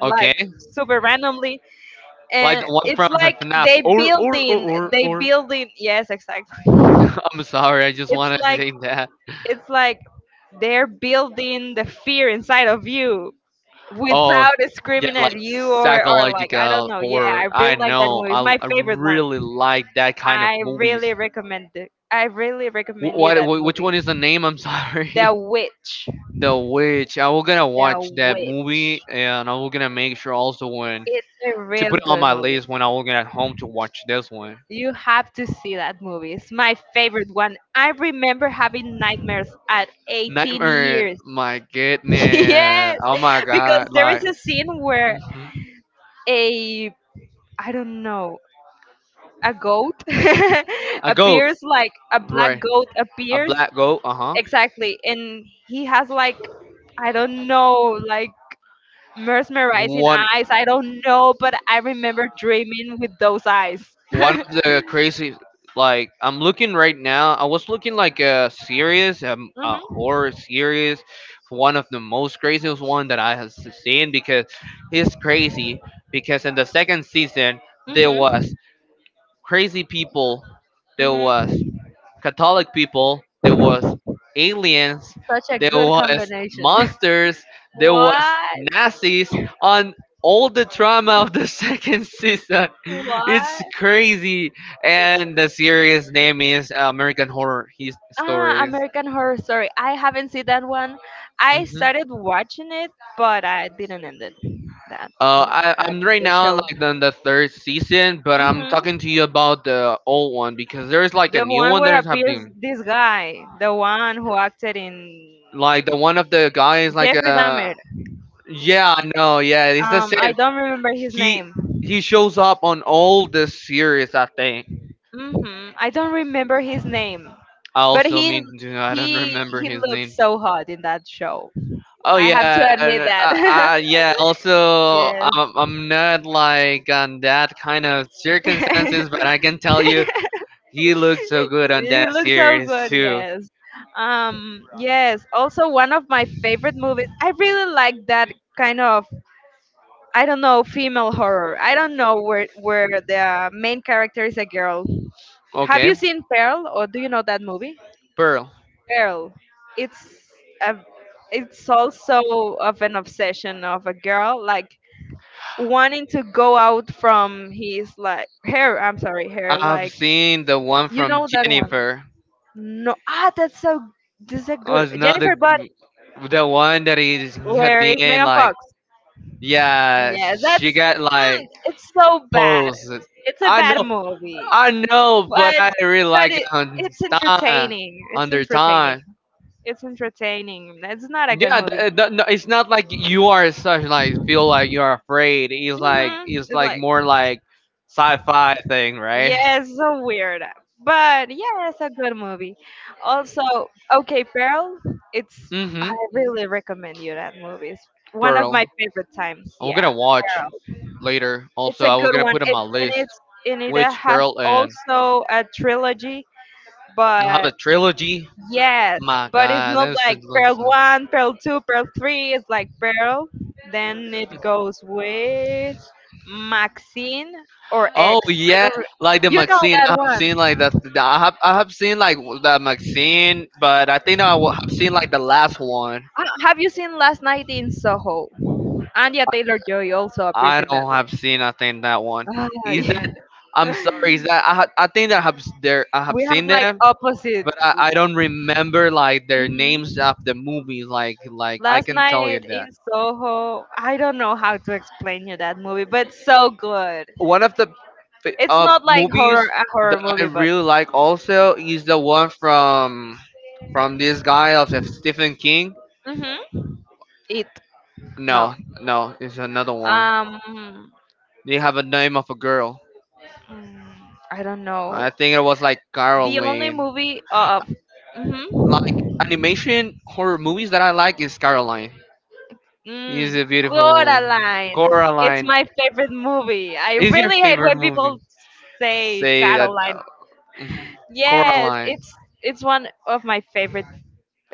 B: like
A: Okay.
B: super randomly,
A: Like
B: and
A: the one from
B: it's like
A: FNAF.
B: they
A: Or or or
B: building
A: or
B: they
A: or.
B: building yes, exactly.
A: I'm sorry. I just
B: it's
A: wanted to
B: like
A: say that.
B: it's like they're building the fear inside of you
A: Oh,
B: without it
A: yeah,
B: screaming at
A: like
B: you, or or like I don't
A: psychological
B: know. Yeah,
A: horror.
B: I
A: I
B: really like that
A: know.
B: movie, it's
A: I,
B: my
A: I
B: favorite one.
A: really like that kind of
B: I
A: movies.
B: really recommend it, I really
A: Wh-
B: recommend you
A: What,
B: that
A: wh- Which
B: movie.
A: one is the name? I'm sorry.
B: The Witch.
A: The Witch. I was gonna
B: The
A: watch that
B: Witch.
A: movie, and I was gonna make sure also when
B: It's a
A: to
B: real
A: put it on
B: good
A: my
B: movie.
A: list when I was gonna at home to watch this one.
B: You have to see that movie. It's my favorite one. I remember having nightmares at eighteen
A: Nightmare.
B: years.
A: My goodness.
B: Yes,
A: Oh my
B: because
A: god.
B: there is
A: Like
B: a scene where
A: mhm.
B: a, I don't know, a goat
A: A goat.
B: appears, like a black
A: Right.
B: goat
A: A
B: appears,
A: black goat. Uh
B: exactly, and he has like, I don't know, like
A: huh.
B: mesmerizing
A: One.
B: eyes. I don't know, but I remember dreaming with those eyes.
A: One
B: Hmm.
A: of the crazy like I'm looking right now I was looking like a series um, a horror series, one of the most craziest one that I has seen because it's crazy because in the second season there
B: Hmm.
A: was crazy people, there
B: Hmm.
A: was Catholic people, there was aliens,
B: Such a
A: there
B: good
A: was
B: combination.
A: monsters, there was
B: What?
A: Nazis on all the drama of the second season. It's
B: What?
A: crazy, and the series name is uh, American Horror His-
B: Ah,
A: Stories.
B: American Horror Story. I haven't seen that one. I
A: Mhm.
B: started watching it, but I didn't end it. That
A: Uh,
B: mo-
A: I,
B: that
A: I'm right
B: the
A: now on,
B: show.
A: like on the third season, but I'm
B: Hmm.
A: talking to you about the old one because there's like a
B: The
A: new
B: one
A: one that
B: where
A: is
B: appears
A: happening.
B: this guy, the one who acted in
A: Like the one of the guys, like
B: Jeffrey
A: uh,
B: Dahmer. Yeah,
A: yeah, I
B: I know.
A: know,
B: Yeah,
A: yeah,
B: it was,
A: it's the
B: um, I
A: same.
B: like, don't remember his
A: He
B: name.
A: he shows up on all the series, I think.
B: Hmm. I don't remember his name,
A: I
B: oh, but
A: also
B: he god.
A: mean to I don't
B: he
A: remember
B: he
A: his
B: looked
A: name.
B: so hot in that show. Oh,
A: Oh
B: I have, yeah,
A: yeah,
B: to
A: and,
B: admit
A: uh,
B: that.
A: uh, yeah.
B: Yeah.
A: Also, I'm,
B: Yes,
A: I'm not like on that kind of
B: I can
A: circumstances,
B: tell
A: but I can
B: you
A: tell you,
B: that.
A: he looked so good on
B: He
A: that
B: looks so
A: series
B: good.
A: too.
B: Yes, um, yes. Also, one of my favorite movies. I really like that kind of, I don't know, female horror. I don't know where where the main character is a girl. Have
A: Okay,
B: you seen Pearl or do you know that movie?
A: Pearl.
B: Girl. It's a, it's also of an obsession of a girl, like wanting to go out from his like hair. I'm sorry, hair.
A: I've
B: Like,
A: seen the one
B: you
A: from
B: know that one?
A: Jennifer.
B: No, ah, that's so. This is a
A: Was
B: good
A: not the
B: Jennifer But
A: the one that he, he had
B: Where is
A: been
B: Megan
A: like.
B: Fox? Yeah,
A: Yeah,
B: that's
A: she got
B: mm,
A: like
B: it's so bad.
A: posed.
B: It's a
A: I
B: bad
A: know
B: movie,
A: I know, but
B: but
A: I really
B: but
A: like
B: it
A: on
B: it's
A: time,
B: entertaining. It's
A: under
B: entertaining.
A: time.
B: It's entertaining. It's not a good
A: Yeah,
B: movie.
A: th- uh, th- no, it's not like you are such like feel like you
B: Mhm.
A: are afraid. It's like it's
B: It's
A: like
B: like,
A: more like sci-fi thing, right?
B: yes, so weird. But yeah, it's a good movie. Also, okay, Pearl, it's I
A: Mm-hmm.
B: really recommend you that movie. It's one of
A: Pearl.
B: my favorite times.
A: I'm
B: Yeah,
A: gonna watch
B: Pearl.
A: later.
B: It's
A: Also,
B: a
A: I was
B: good
A: gonna
B: one.
A: put on my
B: It's and
A: list
B: it's and it
A: which
B: has
A: Pearl and
B: also a trilogy,
A: I have a
B: but
A: trilogy.
B: yes,
A: My
B: but it's
A: God,
B: not
A: this is
B: like Pearl one, Pearl two, Pearl three. It's like Pearl. Then it goes with Maxine or X.
A: Oh
B: I
A: yeah,
B: don't. re-
A: like the
B: You know
A: Maxine.
B: that
A: I have
B: one.
A: seen like the, the I have I have seen like w- the Maxine, but I think I wa- have seen like the last one.
B: Uh, Have you seen Last Night in Soho? Anya Taylor Joy also appears
A: I
B: in that
A: don't
B: one.
A: have seen I think that one.
B: Ah,
A: Is that
B: yeah.
A: I'm sorry. Is that I ha- I think that I have s- there I have
B: We have
A: seen
B: like
A: them,
B: opposite.
A: but I, I don't remember like their names
B: Mhm.
A: of the movies. Like like I
B: Last
A: can tell you
B: night in
A: that
B: Soho, I don't know how to explain you that movie, but so good.
A: one of the fi-
B: It's
A: uh
B: not like
A: movies
B: horror a horror
A: that I
B: movie, but
A: really like also is the one from from this guy of Stephen King.
B: hmm it no.
A: No, no, it's another one.
B: Um,
A: They have a name of a girl.
B: mm, I don't know.
A: I think it was like
B: The only
A: Caroline.
B: movie of
A: Like
B: mm-hmm.
A: animation horror movies that I like is Caroline. Is
B: Mm,
A: a beautiful
B: Coraline. It's
A: Coraline.
B: my favorite movie. I
A: Is your
B: really hate
A: favorite
B: when
A: movie?
B: people say
A: Say that.
B: Caroline.
A: Uh, mhm.
B: Yes,
A: Coraline.
B: it's it's one of my favorite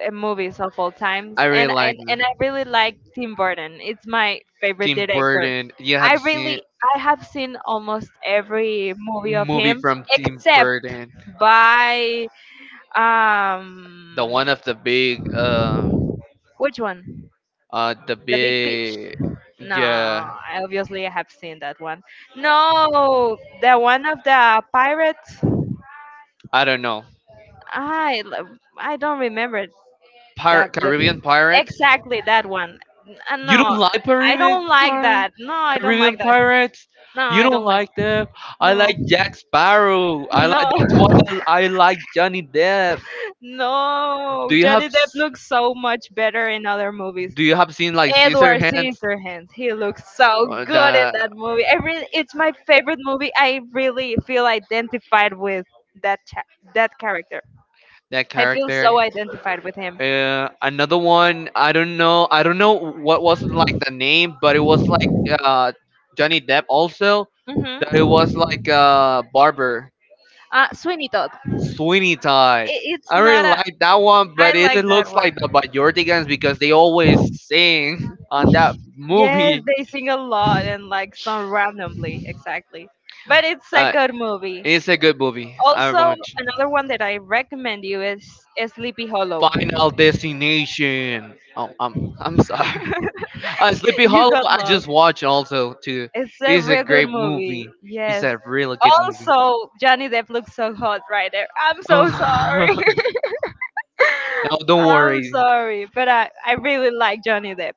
B: uh, movies of all times,
A: I really
B: and
A: like
B: and
A: that.
B: and I really like Tim Burton. It's my favorite
A: Tim
B: director.
A: Burton. You
B: I
A: have
B: Yes,
A: seen
B: really I have seen almost every movie of
A: movie
B: him
A: from Tim
B: except
A: Burton.
B: by um
A: The one of the big uh
B: which one?
A: uh the
B: The Big Peach.
A: big
B: No,
A: yeah
B: I obviously I have seen that one. No, the one of the pirates.
A: I don't know.
B: I l- I don't remember
A: Pir-
B: That the
A: Caribbean Pirates.
B: exactly that one. Uh,
A: You don't
B: no,
A: like
B: I
A: Caribbean
B: don't like
A: Pir-
B: that. No, I don't
A: Caribbean
B: like that.
A: Pirates?
B: No,
A: You
B: I
A: don't
B: don't like.
A: like them? I
B: No,
A: like Jack Sparrow. I
B: no,
A: like that's why I, I like Johnny Depp.
B: no.
A: Do you have
B: Johnny Depp looks so much better in other movies.
A: Do you have seen like
B: Edward
A: Scissorhands?
B: Scissorhands, he looks so
A: Uh,
B: good in
A: The
B: that movie. I really, it's my favorite movie. I really feel identified with that cha- that character.
A: that
B: I feel
A: character.
B: so identified with him.
A: Uh, another one, I don't know, I don't know what was like the name, but it was like uh, Johnny Depp also.
B: That it
A: That it was like
B: hmm
A: uh, Barber
B: Uh, Sweeney Todd.
A: Sweeney
B: It,
A: Todd.
B: it's
A: I
B: not
A: really
B: a.
A: like that one,
B: I
A: but it
B: like that
A: looks
B: one.
A: like the Bajordigans because they always sing on that
B: Yes,
A: movie.
B: they sing a lot and like some randomly, exactly. But it's a
A: Uh,
B: good movie.
A: it's a good movie. I
B: Also,
A: watch
B: another one that I recommend you is, is Sleepy Hollow.
A: Final Destination. Oh, I'm I'm sorry. Uh, Sleepy
B: You
A: Hollow,
B: got
A: I just
B: lost.
A: watched also too.
B: It's a
A: It's a
B: real good
A: great
B: movie.
A: movie. It's
B: Yes.
A: a really good movie.
B: Also, Johnny Depp looks so hot right there. I'm so sorry.
A: Oh, no, don't
B: I'm
A: worry.
B: sorry, but I, I really like Johnny Depp.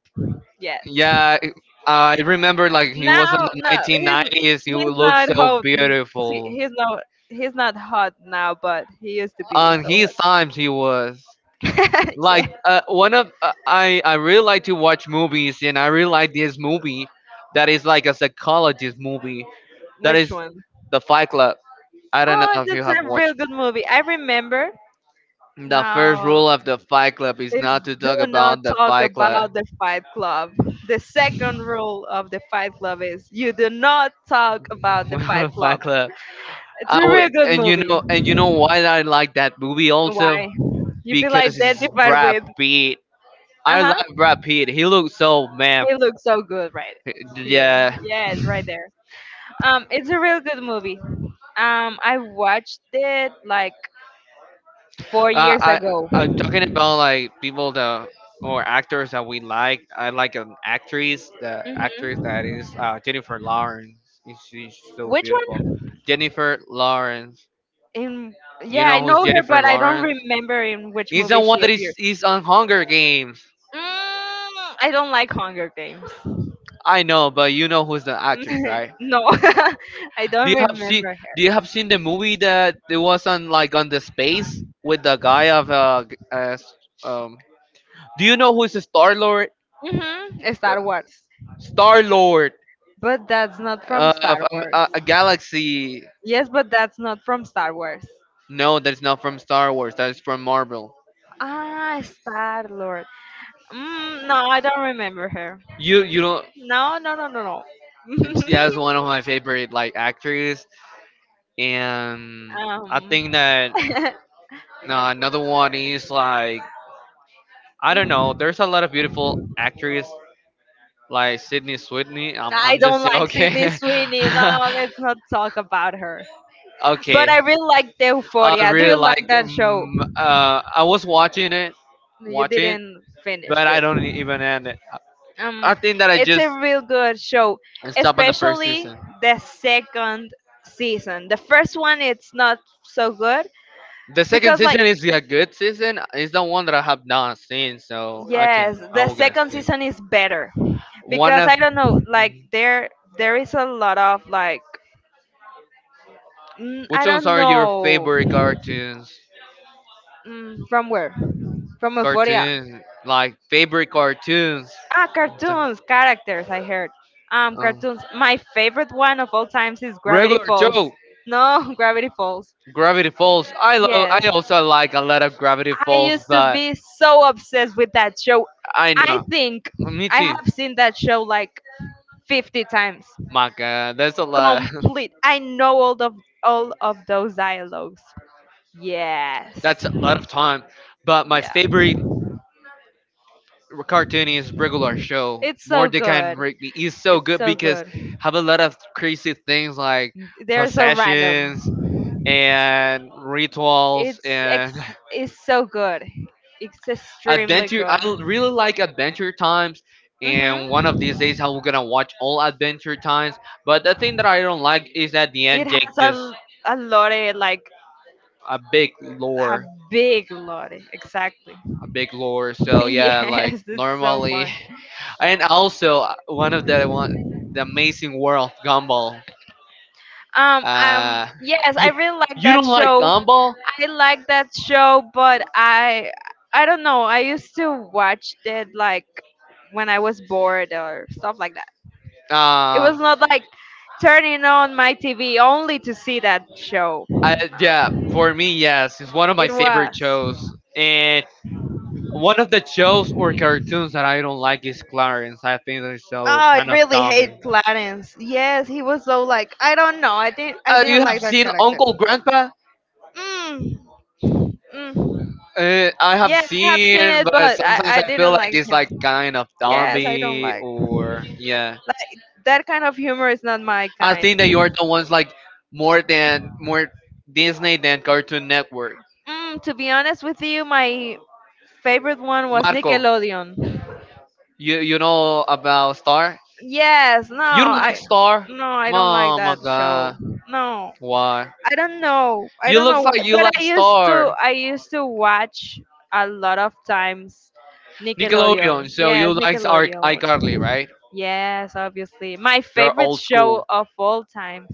B: Yes.
A: Yeah, I I remember like he was in
B: Now,
A: the
B: no, like the he's nineteen nineties,
A: nineteen nineties. He
B: he's
A: looked
B: not
A: so
B: hot. n- See,
A: beautiful.
B: he's not he's not hot now, but he used to be.
A: On
B: So
A: his times, he was
B: hot. Yeah.
A: like uh, one of uh, I I really like to watch movies, and I really like this movie that is like a psychologist movie that
B: Which
A: is
B: one?
A: the Fight Club. I don't know
B: Oh,
A: if you
B: that's
A: have
B: a real
A: watched.
B: good movie. I remember.
A: The first
B: Now,
A: rule of the Fight Club is
B: is
A: not to talk
B: do not
A: about the
B: talk
A: Fight Club.
B: about the Fight Club. The second rule of the Fight Club is you do not talk about the Fight
A: Fight
B: Club.
A: Club.
B: It's a
A: I
B: real
A: would,
B: good
A: and you
B: movie.
A: know, and you know why I like that movie also
B: Why? You feel
A: because it's
B: identified
A: Brad
B: with?
A: Pitt.
B: Uh
A: I
B: huh.
A: like Brad Pitt. He looks so man.
B: He looks so good right here.
A: Yeah.
B: Yes, right there. Um, it's a real good movie. Um, I watched it like four
A: Uh,
B: years
A: I I
B: ago.
A: talking about like people that or actors that we like. I like an actress. The actress that
B: Hmm.
A: is uh, Jennifer Lawrence. She's so
B: Which
A: beautiful.
B: one?
A: Jennifer Lawrence.
B: In
A: You
B: yeah, I
A: know who's
B: know her,
A: Jennifer
B: but I don't
A: Lawrence?
B: remember in which
A: He's the
B: movie
A: one
B: she
A: that is
B: appeared.
A: is on Hunger Games.
B: Mm, I don't like Hunger Games.
A: I know, but you know who's the actress, right?
B: No, I
A: Do
B: don't
A: you have seen
B: remember
A: Do you
B: her.
A: have seen the movie that it was on like on the space with the guy of uh, g- uh s- um? Do you know who's the Star Lord?
B: Hmm.
A: Uh,
B: Star Wars,
A: Star Lord
B: but that's not from
A: uh,
B: Star
A: of um,
B: Wars.
A: a, a galaxy.
B: Yes, but that's not from Star Wars.
A: No, that's not from Star Wars. That is from Marvel.
B: Ah, Star Lord. Mm, no, I don't remember her.
A: You you don't.
B: No, no, no, no, no.
A: It's, yeah, it's one of my favorite like actors. And I
B: Um.
A: think that uh, another one is like I don't know. There's a lot of beautiful actors like Sydney Sweeney. I'm,
B: I
A: I'm
B: don't
A: just
B: like
A: joking.
B: Sydney Sweeney. No, let's not talk about her. But
A: Okay.
B: I really like
A: I
B: Euphoria. Do
A: really
B: you like
A: like.
B: that show?
A: Um, uh, I was watching it,
B: You
A: watching, it,
B: didn't finish
A: but I
B: it.
A: don't e-, even end it.
B: Um,
A: I think that I
B: it's a
A: just
B: real good show,
A: stopped on the first
B: especially
A: season.
B: the second season. The first one, it's not so good
A: The second
B: because like,
A: season is a good season. It's the one that I have not seen, so I can.
B: yes,
A: I
B: the
A: will gonna
B: second
A: see.
B: season is better
A: One
B: because
A: of
B: I don't know, like there, there is a lot of like, mm, I
A: Which ones
B: don't
A: are your
B: know.
A: favorite cartoons?
B: Mm, from where, from euphoria.
A: Cartoons, like favorite cartoons.
B: Ah, cartoons, characters. I heard. Um,
A: Um,
B: cartoons. My favorite one of all times is Gravity
A: Regular
B: Falls.
A: show,
B: No, Gravity Falls.
A: Gravity Falls. I love. I
B: Yes.
A: also like a lot of Gravity Falls,
B: Used to
A: but
B: be so obsessed with that show.
A: I know.
B: Think
A: Me
B: I
A: too.
B: have seen that show like fifty times.
A: My God, that's a lot.
B: Complete. I know all of all of those dialogues. That's yes.
A: That's a lot of time. But my
B: Yeah.
A: favorite cartoon is regular show.
B: It's so
A: Mordecai and
B: good,
A: Rigby is so good
B: so
A: because
B: good.
A: have a lot of crazy things like
B: They're so random.
A: possessions, and rituals
B: It's ex
A: and
B: it's so good. It's extremely
A: adventure.
B: good.
A: I l- really like Adventure Times, and
B: Mhm.
A: one of these days I'm gonna watch all Adventure Times. But the thing that I don't like is at the
B: It
A: end Jake
B: has
A: just
B: a a lot of like
A: a big
B: a
A: lore,
B: big lot, exactly.
A: a big lore. So yeah, like
B: Yes, it's so
A: normally,
B: fun.
A: and also uh, one of the one the amazing world of Gumball.
B: Um, um,
A: Uh,
B: yes, I
A: you
B: really like
A: you
B: that
A: don't like
B: show.
A: Gumball?
B: I like that show, but I, I don't know. I used to watch it like when I was bored or stuff like that. It
A: Uh,
B: was not like turning on my T V only to see that show.
A: I, yeah,
B: No.
A: for me, yes, it's one of my
B: It
A: favorite
B: was.
A: shows. And one of the shows or cartoons that I don't like is Clarence. I think they're
B: Oh,
A: so
B: I
A: kind of
B: really
A: dumbing.
B: hate Clarence. Yes, he was so, like, I don't know. I didn't. I
A: Uh,
B: didn't
A: you have
B: like that
A: seen
B: character.
A: Uncle Grandpa?
B: Mm, mm.
A: Uh, I have
B: Yeah, I have seen
A: seen,
B: it,
A: but
B: but I,
A: sometimes I
B: I
A: feel
B: didn't
A: like
B: like
A: it's
B: him.
A: like kind of
B: Yes, I don't
A: zombie
B: like.
A: or yeah.
B: Like, that kind of humor is not my
A: I
B: kind.
A: think that you're the ones like more than more Disney than Cartoon Network.
B: Mm, to be honest with you, my favorite one was
A: Marco,
B: Nickelodeon.
A: you you know about Star?
B: Yes, no,
A: You don't like
B: I
A: Star?
B: no, I don't like
A: Oh my
B: that show.
A: God,
B: No.
A: why?
B: I don't know. I
A: You
B: don't know
A: looks
B: what,
A: like you
B: but
A: like
B: I used to
A: Star.
B: I used to watch a lot of times
A: Nickelodeon.
B: Nickelodeon.
A: So
B: Yes,
A: you likes our
B: Nickelodeon.
A: iCarly, right?
B: Yes, obviously. My
A: You're
B: favorite
A: old school,
B: show of all times.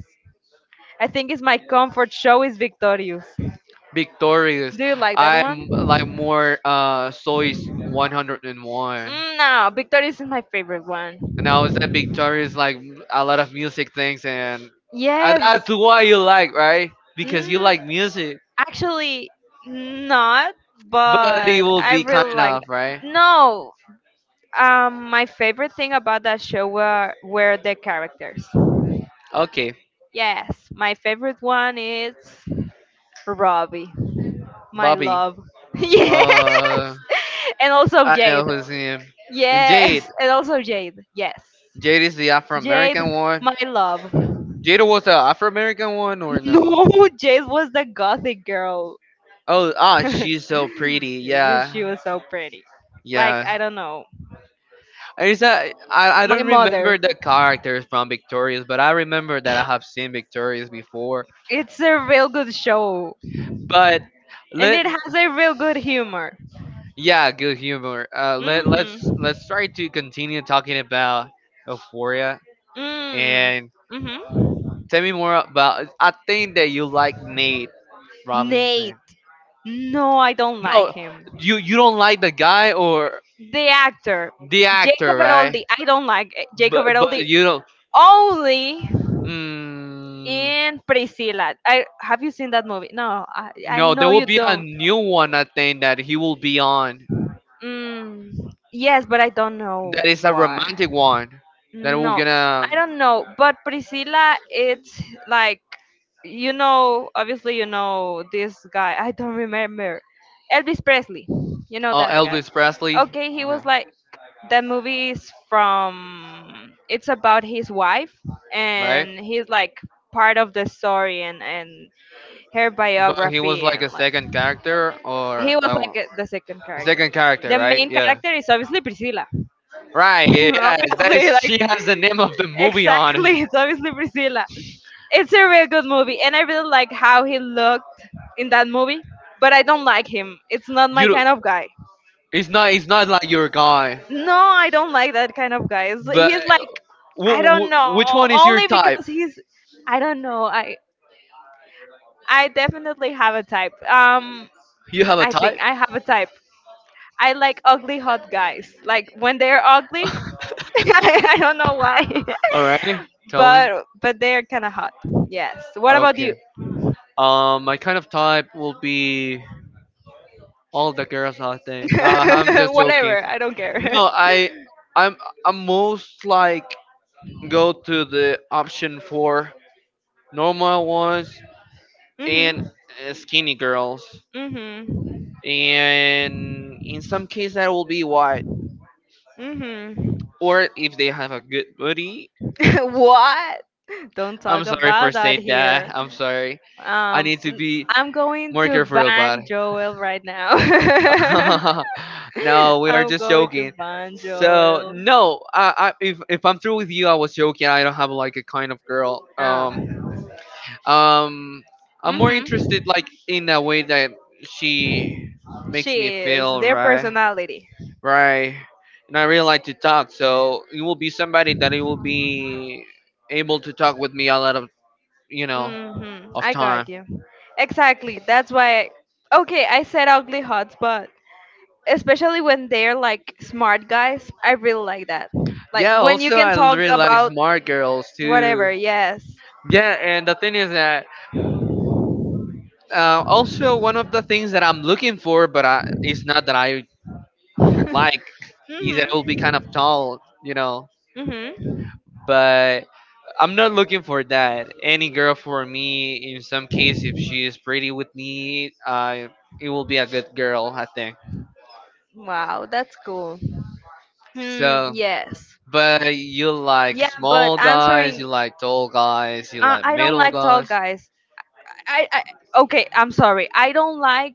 B: I think it's my comfort show is Victorious.
A: victorious.
B: Do you like that
A: I'm
B: one?
A: like more uh Soy's one hundred one.
B: Mm, no, Victorious is my favorite one.
A: Now is that victorious like a lot of music things, and, and
B: Yes.
A: that's why you like, right? Because you
B: Mm,
A: like music,
B: Actually, not,
A: but it
B: but
A: will
B: I
A: be
B: really
A: kind
B: liked
A: of
B: it.
A: right.
B: No, um, my favorite thing about that show were, were the characters.
A: Okay,
B: Yes, my favorite one is Robbie, my
A: Bobby.
B: love. Yes,
A: Uh,
B: and also
A: I
B: Jade.
A: know who's him. And Jade.
B: Yes, and also Jade. Yes.
A: Jade is the Afro
B: Jade,
A: American one.
B: my love.
A: Jada was the Afro American one or no?
B: No, Jade was the gothic girl.
A: Oh, ah, she's so pretty.
B: You- she
A: Yeah,
B: was so pretty. Like
A: yeah.
B: I don't know,
A: Is that I? I
B: my
A: don't remember
B: mother.
A: the characters from Victorious, but I remember that I have seen Victorious before.
B: It's a real good show,
A: But
B: and
A: let
B: it has a real good humor.
A: Yeah, good humor. Uh, let let's
B: Mhm.
A: let's try to continue talking about Euphoria
B: Mm.
A: and
B: Mhm.
A: tell me more about. I think that you like Nate
B: Nate.
A: Robinson.
B: No, I don't like
A: No,
B: him.
A: you you don't like the guy or
B: The actor,
A: the actor,
B: Jacob
A: right?
B: Elordi. I don't like eh, Jacob
A: But but
B: Elordi.
A: you don't
B: Only
A: Mm,
B: in Priscilla. I Have you seen that movie? No, I, I
A: No, there
B: know
A: will
B: you
A: be a
B: don't.
A: new one. I think that he will be on.
B: Mm, yes, but I don't know
A: That is a romantic
B: why.
A: one. That we're
B: No,
A: gonna.
B: I don't know. But Priscilla, it's like you know, obviously you know this guy. I don't remember Elvis Presley. You know
A: Oh,
B: that guy.
A: Elvis Presley.
B: Okay, he
A: Yeah,
B: was like that movie is from. It's about his wife,
A: right?
B: and he's like part of the story, and and her
A: But he was
B: biography
A: like a
B: and like
A: second character or
B: he was
A: oh,
B: like a- the second
A: a
B: character.
A: second character,
B: The
A: right?
B: main
A: Yeah.
B: character is obviously Priscilla.
A: Right. Yeah. That is.
B: Obviously, like
A: She has the name of the movie on.
B: exactly, it's obviously Priscilla. It's a real good movie, and I really like how he looked in that movie. But I don't like him. It's not my
A: You.
B: kind of guy.
A: It's not. It's not like your guy.
B: No, I don't like that kind of guy. It's-
A: But
B: He's like
A: w-
B: I don't
A: w- which
B: know.
A: one is your
B: Only
A: type?
B: because he's I don't know. I I definitely have a type. Um,
A: You have a
B: I think
A: type?
B: I have a type. I like ugly hot guys. Like when they're ugly, I don't know why,
A: Alright. Tell me.
B: but but they're kind of hot. Yes. What about
A: Okay.
B: you?
A: Um, my kind of type will be all the girls. I think. Nah, I'm just joking.
B: Whatever. I don't care.
A: No, I, I'm, I'm most like go to the option for normal ones and
B: Mhm.
A: uh, skinny girls,
B: Mhm.
A: and in some case that will be white,
B: Mhm.
A: or if they have a good body,
B: What? Don't
A: I'm
B: talk
A: sorry
B: about
A: for
B: that
A: saying
B: here.
A: that. I'm sorry. I
B: Um,
A: need to
B: n-
A: be
B: I'm going
A: more
B: to
A: careful about
B: ban Joel right now.
A: it. No, we are
B: I'm
A: just
B: going to
A: joking.
B: ban
A: So
B: Joel.
A: no, I, I if if I'm through with you, I was joking. I don't have like a kind of girl. Um,
B: Oh.
A: um, I'm more
B: Mhm.
A: interested like in a way that she
B: She
A: makes me
B: is
A: feel
B: their
A: right,
B: personality.
A: right. And I really like to talk, so it will be somebody that it will be able to talk with me a lot of you know
B: Mhm.
A: of
B: I got
A: time.
B: you. Exactly. That's why. Okay, I said ugly hots, but especially when they're like smart guys, I really like that. Like
A: Yeah,
B: when you
A: also
B: can
A: I
B: talk
A: really like
B: about
A: smart girls
B: whatever.
A: too.
B: Yes.
A: Yeah, and the thing is that uh, also one of the things that I'm looking for, but I, it's not that I
B: Mhm.
A: like, is that it will be kind of tall, you know.
B: Mhm.
A: But I'm not looking for that. Any girl for me, in some case, if she is pretty with me, uh, it will be a good girl, I think.
B: Wow, that's cool. Hmm.
A: So,
B: Yes.
A: but you like
B: Yeah, but
A: small guys, you
B: answering.
A: like tall guys, you
B: Uh,
A: like
B: I don't
A: middle
B: like tall
A: guys,
B: guys. I, I Okay. I'm sorry. I don't like.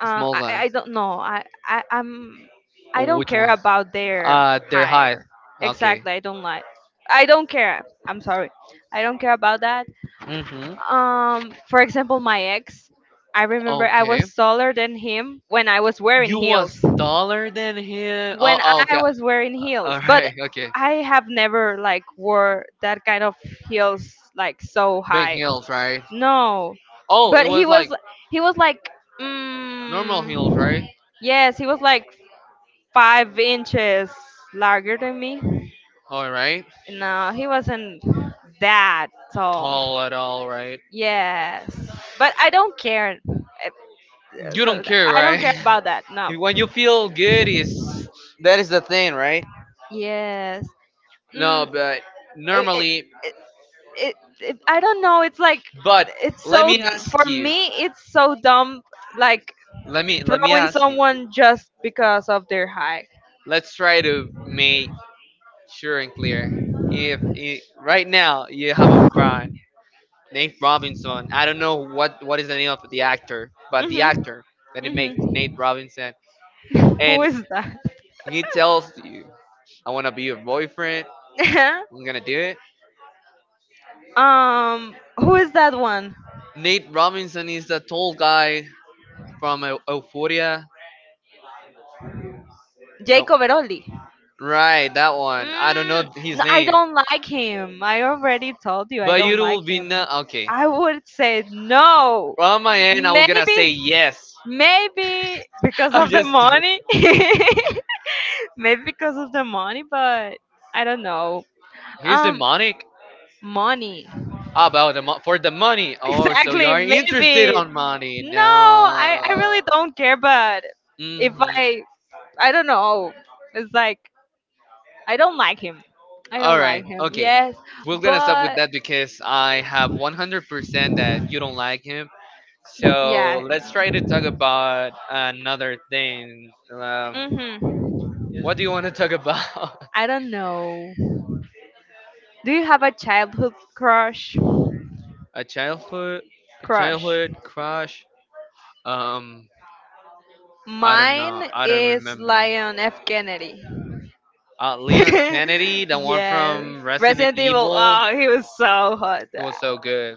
B: Uh,
A: small
B: I
A: guys,
B: I don't know. I I I'm. I
A: or
B: don't
A: which
B: care
A: one?
B: about their
A: Uh, their height.
B: hire.
A: Okay.
B: Exactly. I don't like. I don't care. I'm sorry. I don't care about that.
A: Mm-hmm.
B: Um, for example, my ex, I remember I
A: Okay.
B: was taller than him when I was wearing
A: You
B: heels.
A: was taller than him. Oh,
B: When
A: oh
B: I
A: okay.
B: was wearing heels,
A: All
B: but
A: right. Okay.
B: I have never like wore that kind of heels like so
A: Big
B: high.
A: heels, right?
B: No,
A: Oh, it
B: but he
A: was like
B: was he was like
A: normal heels, right?
B: mm, yes, he was like five inches larger than me.
A: All right.
B: No, he wasn't that tall.
A: Tall at all, right?
B: Yes, but I don't care. If,
A: You
B: so
A: don't
B: th-
A: care,
B: I don't
A: right?
B: care about that. No.
A: When you feel good is that is the thing, right?
B: Yes.
A: No,
B: Mm,
A: but
B: it,
A: normally.
B: it, it, it, it, I don't know. It's like
A: But
B: it's
A: let
B: so
A: me
B: for
A: ask you.
B: me. It's so dumb. Like
A: Let me let me
B: throwing
A: ask
B: someone just because of their height.
A: Let's try to make sure and clear. If I right now you have a friend named Robinson, I don't know what what is the name of the actor, but the
B: Mhm.
A: actor that he makes Nate
B: Mhm.
A: Robinson,
B: Who
A: and
B: is that?
A: he tells you, "I want to be your boyfriend. I'm gonna do it."
B: Um, who is that one?
A: Nate Robinson is the tall guy from Eu- Euphoria. No,
B: Jacob Eroli.
A: right, that one. I don't
B: Mm,
A: know his
B: no, I
A: name,
B: don't like him. I already told you I
A: but you
B: don't like
A: will be
B: him.
A: not okay.
B: I would say no.
A: From my end, I was gonna say
B: Maybe,
A: yes.
B: maybe because
A: I'm
B: of the
A: just.
B: money. Maybe because of the money, but I don't know.
A: He's
B: Um,
A: demonic.
B: Money.
A: Ah, about the mo- for the money. Oh, so you
B: Exactly,
A: are interested
B: maybe.
A: on money?
B: No, I, I
A: No.
B: really don't care, but if
A: Mhm.
B: I I don't know. It's like, I don't like him. I
A: All
B: don't like
A: right.
B: him.
A: Okay.
B: Yes.
A: We're gonna stop with
B: But
A: that because I have one hundred percent that you don't like him.
B: yeah.
A: So let's try to talk about another thing. Um,
B: hmm
A: what do you want to talk about?
B: I don't know. Do you have a childhood crush
A: A childhood, a
B: crush
A: childhood crush. Um, I don't know.
B: Mine
A: I don't
B: is
A: remember.
B: Lion F. Kennedy.
A: Uh, Leon Kennedy, the one
B: Yes.
A: from Resident
B: Resident Evil.
A: Evil.
B: Oh, he was so hot.
A: He was so good.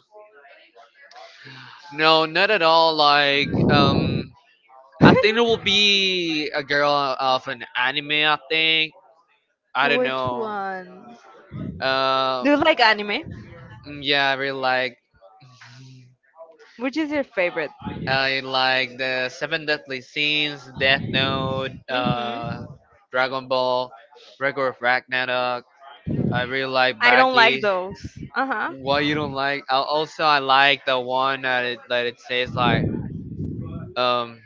A: No, not at all. Like, um, I think it will be a girl of an anime. I think I don't
B: Which
A: know.
B: one?
A: Uh,
B: Do you like anime?
A: mm, yeah, I really like
B: Which is your favorite?
A: I like the Seven Deadly Sins, Death Note, uh,
B: Mm-hmm.
A: Dragon Ball, Record of Ragnarok. I really like
B: I don't like
A: Baki.
B: those. Uh huh.
A: Why you don't like? Al- Also, I like the one that it, that it says like Um,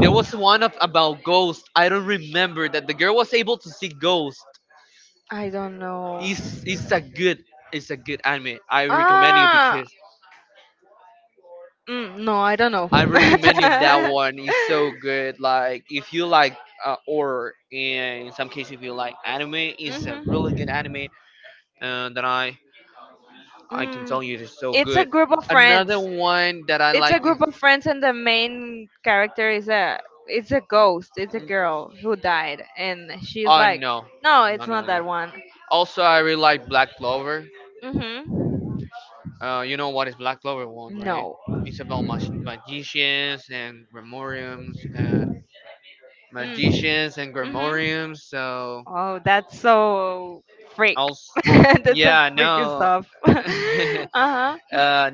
A: there was one of, about ghosts. I don't remember that the girl was able to see ghosts.
B: I don't know.
A: It's it's a good it's a good anime. I recommend you
B: Ah,
A: because
B: mm, no, I don't know.
A: I recommend you that one. It's so good. Like if you like uh, or in some case if you like anime, it's a
B: Mhm.
A: really good anime. And that I I can tell
B: Mm,
A: you it's so
B: it's a
A: good.
B: group of
A: Another
B: friends.
A: one that I
B: It's
A: like
B: a
A: is
B: group of friends, and the main character is a it's a ghost. It's a girl who died, and she's
A: oh
B: like,
A: no
B: no,
A: no
B: it's
A: no
B: not
A: no.
B: that one.
A: Also I really like Black Clover.
B: Mhm.
A: Uh, you know what is Black Clover one, right?
B: No.
A: It's about mag- magicians and Grimoriums and
B: Mm.
A: magicians and
B: Mhm.
A: Grimoriums. So
B: Oh, that's so freak.
A: I'll, s-
B: That's a
A: yeah,
B: freaky
A: no,
B: stuff. uh huh.
A: uh,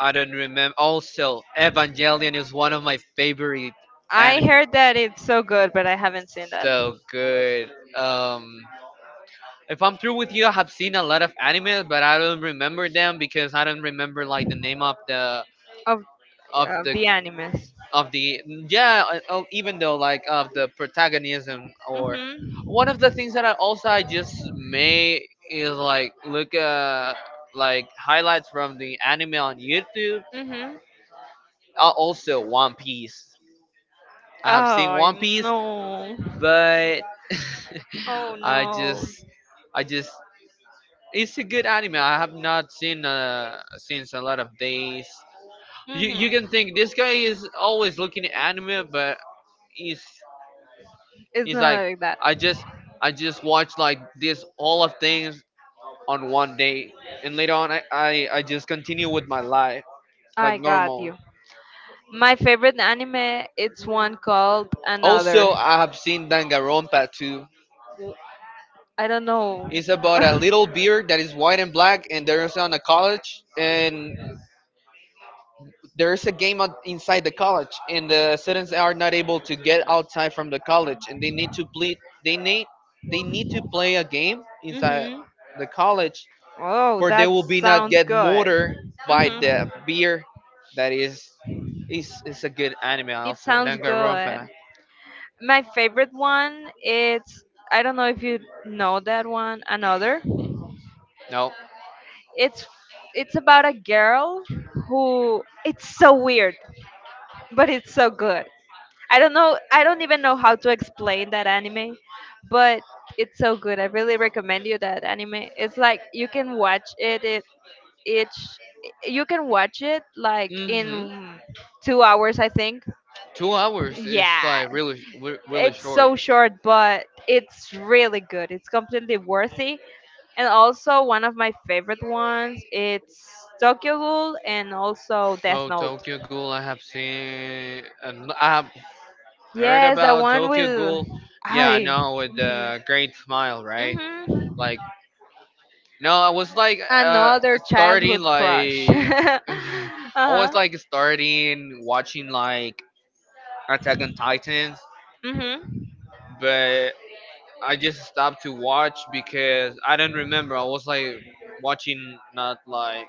A: I don't remember. Also, Evangelion is one of my favorite
B: I
A: anime.
B: heard that it's so good, but I haven't seen that
A: So good. Um, if I'm through with you, I have seen a lot of anime, but I don't remember them because I don't remember like the name of the
B: of
A: of
B: Of
A: the
B: the animes.
A: of the yeah uh, oh, even though like of the protagonism or
B: Mhm.
A: one of the things that I also I just may is like look uh like highlights from the anime on youtube
B: Mhm.
A: uh, also one piece i have seen
B: Oh
A: one piece
B: no.
A: but
B: Oh
A: i
B: no.
A: just I just it's a good anime I have not seen uh since a lot of days you,
B: Mhm.
A: you can think this guy is always looking at anime but is
B: It's
A: it's like
B: not like that.
A: I just I just watch like this all of things on one day, and later on I I, I just continue with my life like
B: I got
A: normal.
B: you. My favorite anime, it's one called
A: Also,
B: Another.
A: I have seen Dangarompa too.
B: I don't know.
A: It's about a little beer that is white and black, and there's on a college, and there's a game out inside the college, and the students are not able to get outside from the college, and they need to play. They need they need to play a game inside
B: hmm
A: the college
B: Oh,
A: for they
B: that
A: will be not
B: sounds
A: get
B: good.
A: murdered by
B: hmm
A: the beer that is is is a good anime
B: It
A: also
B: sounds
A: Danganronpa.
B: good. My favorite one, it's I don't know if you know that one. Another.
A: No.
B: It's it's about a girl who it's so weird, but it's so good. I don't know. I don't even know how to explain that anime, but it's so good. I really recommend you that anime. It's like you can watch it. It each You can watch it like
A: Mhm.
B: in two hours, I think.
A: Two hours is
B: Yeah,
A: like really re- really
B: it's
A: short.
B: so short, but it's really good. It's completely worthy, and also one of my favorite ones, it's Tokyo Ghoul and also Death
A: Oh,
B: Note.
A: Tokyo Ghoul! I have seen. Uh, n- I have heard
B: Yes, the
A: about
B: one
A: Tokyo
B: with
A: Ghoul. Yeah,
B: I.
A: no, with
B: Mhm.
A: the great smile, right?
B: Mhm.
A: Like, no, I was like uh
B: Another
A: starting
B: childhood crush.
A: like I
B: uh-huh.
A: was like starting watching like Attack on Titans,
B: Mhm.
A: but I just stopped to watch because I didn't remember. I was like watching not like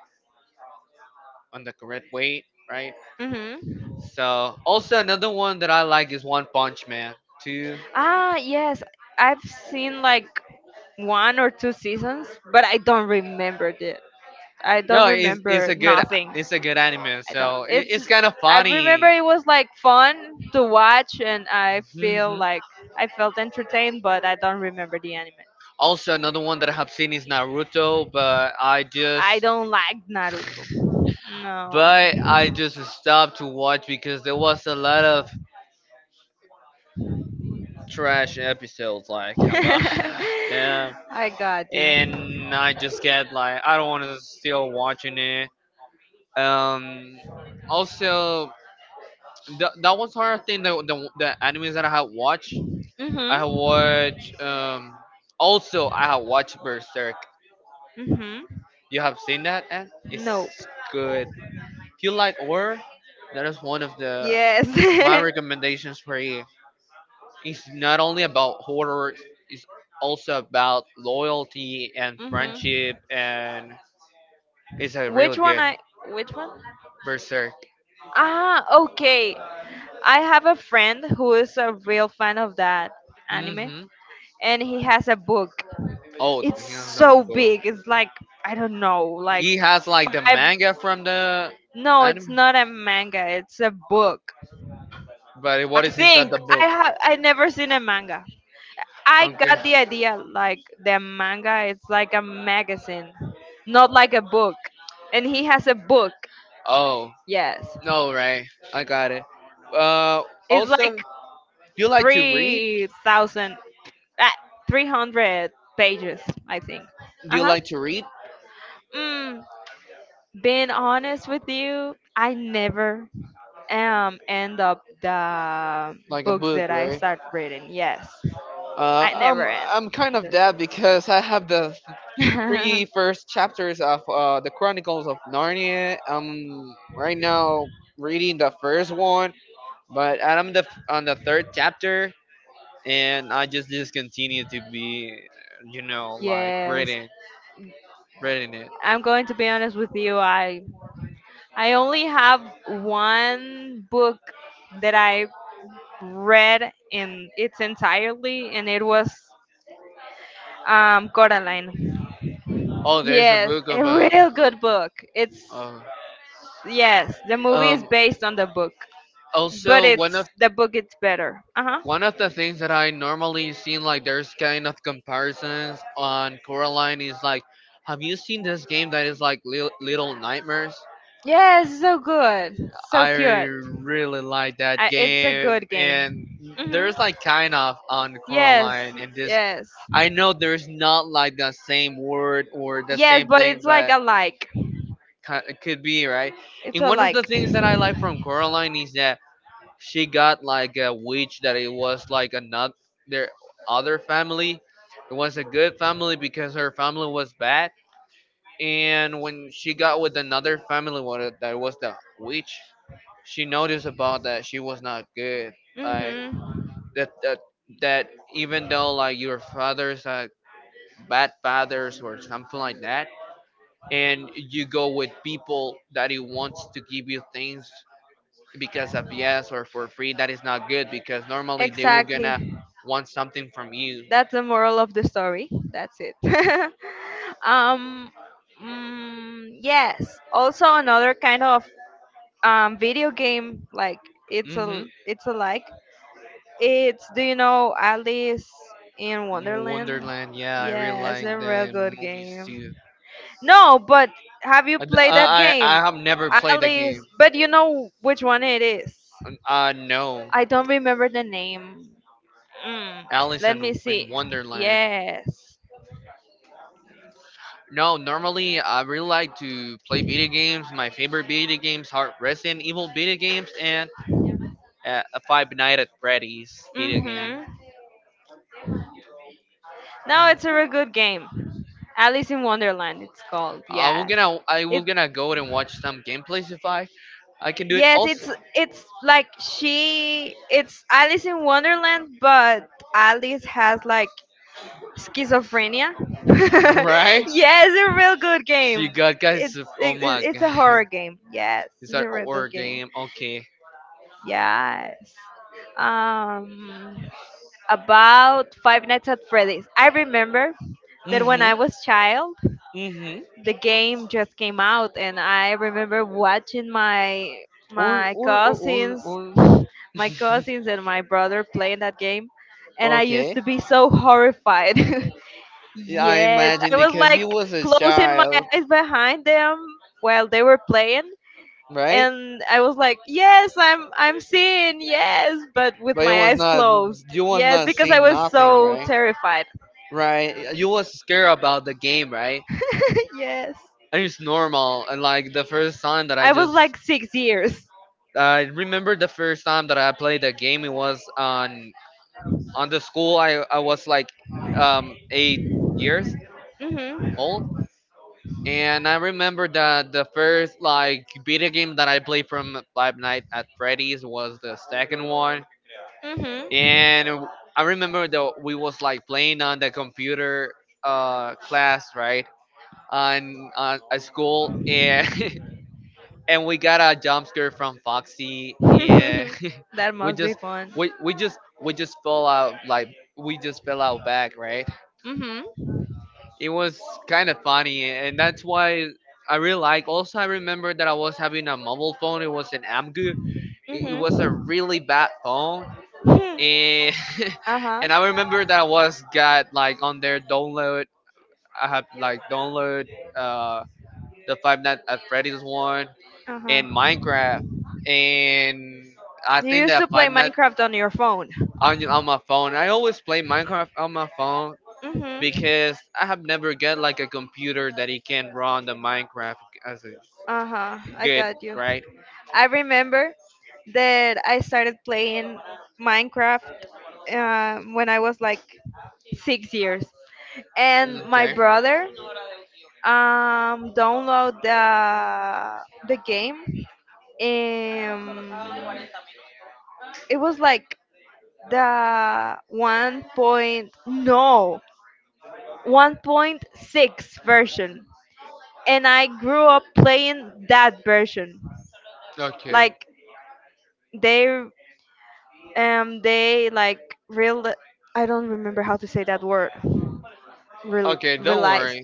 A: on the correct way, right?
B: Mhm.
A: So also another one that I like is One Punch Man. Two,
B: Ah, yes. I've seen like one or two seasons, but I don't remember. I
A: no, it's, it's
B: remember
A: a good it's a good anime. So it, it's kind of
B: remember
A: funny.
B: it was like fun to watch, and I feel
A: Hmm.
B: like I felt entertained, but I don't remember the anime.
A: Also another one that I have seen is Naruto, but I just
B: Don't like Naruto. No.
A: but I just stopped to watch because there was a lot of trash episodes, like a lot of them
B: I got.
A: and I just get like I don't want to still watching it. Um, Also th- that was another thing that the, the animes that I have watched.
B: I.
A: I have
B: Mhm.
A: watched um also I have watched Berserk.
B: See.
A: You have seen that and
B: Mhm. No.
A: it's good. If you like horror, that is one of the
B: Yes.
A: my recommendations for you. It's not only about horror. It's also about loyalty and
B: Mhm.
A: friendship and it's a really
B: Which one
A: good
B: I which one?
A: Berserk.
B: Ah, okay. I have a friend who is a real fan of that anime,
A: Mm-hmm.
B: and he has a book.
A: Oh,
B: It's
A: he has
B: so
A: a book.
B: big. It's like I don't know, like
A: He has like the
B: five.
A: manga from the
B: No, it's
A: anime,
B: not a manga. It's a book.
A: but
B: I
A: what is inside
B: think
A: the book?
B: I have I never seen a manga. I
A: Okay.
B: got the idea like the manga is like a magazine, not like a book. And he has a book.
A: Oh
B: Yes.
A: no, right? I got it. Uh,
B: It's
A: Also, do
B: like
A: you like to read?
B: three thousand, ah, three hundred pages, I think.
A: Do
B: Uh
A: you
B: huh.
A: like to read
B: Mm, Being honest with you, I never um end up the
A: like a
B: books
A: book,
B: that I
A: right?
B: start reading. Yes.
A: Uh,
B: I never
A: I'm
B: end.
A: I'm kind of that because I have the three first chapters of uh the Chronicles of Narnia. I'm right now reading the first one, but I'm the on the third chapter and I just discontinued to be, you know, like
B: Yes.
A: reading, reading it.
B: I'm going to be honest with you. I I only have one book that I read in its entirely, and it was um Coraline.
A: Oh, there's a
B: Yes,
A: book
B: a
A: of a.
B: real good book. It's
A: Uh,
B: Yes, the movie is
A: um.
B: based on the book. But
A: Also, one
B: it's
A: of
B: the book it's better. Uh-huh.
A: one of the things that I normally seen like there's kind of comparisons on Coraline is like, have you seen this game that is like Lil- Little Nightmares?
B: Yes, so good, so
A: I
B: cute.
A: really like that
B: I, it's a
A: game,
B: good
A: and
B: game. Hmm.
A: there's like kind of on
B: Yes,
A: Coraline in this.
B: yes.
A: I know there's not like the same word or the
B: Yes,
A: same
B: but
A: thing,
B: it's like
A: but
B: a like.
A: ki- it could be right.
B: It's
A: And
B: a
A: one of the
B: like.
A: things that I like from Coraline is that she got like a witch that it was like another their other family. It was a good family because her family was bad, and when she got with another family, what that was the witch, she noticed about that she was not good. Like
B: hmm
A: that that that even though like your father's a bad fathers or something like that and you go with people that he wants to give you things because of yes or for free that is not good because normally they will
B: Exactly.
A: gonna want something from you.
B: That's the moral of the story. That's it. um, mm, yes. Also, another kind of um, video game, like, it's a
A: Hmm,
B: it's a like, it's do you know Alice in Wonderland?
A: Wonderland, yeah, I really
B: Yes, a
A: like
B: real
A: the
B: good
A: movies too.
B: game. No, but have you
A: i
B: played that
A: i,
B: game?
A: I have never played the
B: Alice,
A: game.
B: but you know which one it is.
A: Uh, no.
B: I don't remember the name. Mm,
A: Alice
B: Let me
A: in, in
B: see.
A: Wonderland.
B: Yes.
A: No, normally I really like to play video games. My favorite video games are Resident Evil video games and uh, a Five Night at Freddy's video game.
B: Mm-hmm. No, it's a
A: Mm.
B: very good game. Alice in Wonderland, it's called.
A: Uh, we're
B: Yes.
A: gonna I will
B: It,
A: gonna go and watch some gameplays if I I can do it
B: yes,
A: also.
B: it's it's like she it's Alice in Wonderland, but Alice has like schizophrenia.
A: Right?
B: Yeah, it's a real good
A: She
B: game.
A: got
B: It's
A: guys. Oh
B: it, it-
A: my
B: it's a
A: god,
B: horror game. Yes,
A: is
B: it's a
A: that
B: real
A: horror
B: good game.
A: game? Okay.
B: Yes. Um, about Five Nights at Freddy's. I remember that when
A: Mhm.
B: I was child,
A: Mhm.
B: the game just came out, and I remember watching my
A: Or
B: my
A: or or or
B: cousins,
A: or.
B: my cousins and my brother playing that game, and I used
A: Okay.
B: to be so horrified.
A: Yeah, I
B: Yes,
A: imagine
B: I was
A: because he
B: like
A: was a
B: closing my
A: child,
B: eyes behind them while they were playing,
A: right?
B: and I was like, "Yes, I'm I'm seeing yes," but with
A: But you
B: my
A: was
B: eyes
A: not
B: closed.
A: you was
B: Yes,
A: not
B: because I
A: seeing
B: was
A: nothing,
B: so
A: right?
B: terrified.
A: Right. You was scared about the game, right?
B: Yes,
A: And it's normal. And like the first time that I
B: I was
A: just
B: like six years.
A: I remember the first time that I played the game. It was on on the school. I, I was like um eight years
B: Mhm,
A: old. And I remember that the first like video game that I played from Five Nights at Freddy's was the second one.
B: mhm.
A: And I remember that we was like playing on the computer uh, class, right, on on at school, and and we got a jump scare from Foxy, and
B: That
A: we
B: must be
A: just
B: fun.
A: we we just we just fell out like we just fell out back, right?
B: Mhm,
A: It was kind of funny, and that's why I really like. Also, I remember that I was having a mobile phone. It was an Amgu. It it was a
B: mhm.
A: really bad phone, and
B: Uh huh. Uh
A: and I remember
B: huh.
A: that was got like on their download. I have like download uh the Five Nights at Freddy's one and Minecraft, and I
B: You
A: think
B: used
A: that
B: to play
A: Five Nights
B: Minecraft on your phone.
A: on on my phone. I always play Minecraft on my phone
B: Mhm.
A: because I have never get like a computer that it can run the Minecraft as a
B: Uh huh. I
A: good
B: got you.
A: right.
B: I remember that I started playing Minecraft um, when I was like six years, and my
A: Okay.
B: brother um, download the the game. Um, it was like the one point no one point six version, and I grew up playing that version.
A: Okay.
B: Like they um they like real, I don't remember how to say that word. Rel-
A: Okay, don't
B: Realized,
A: worry.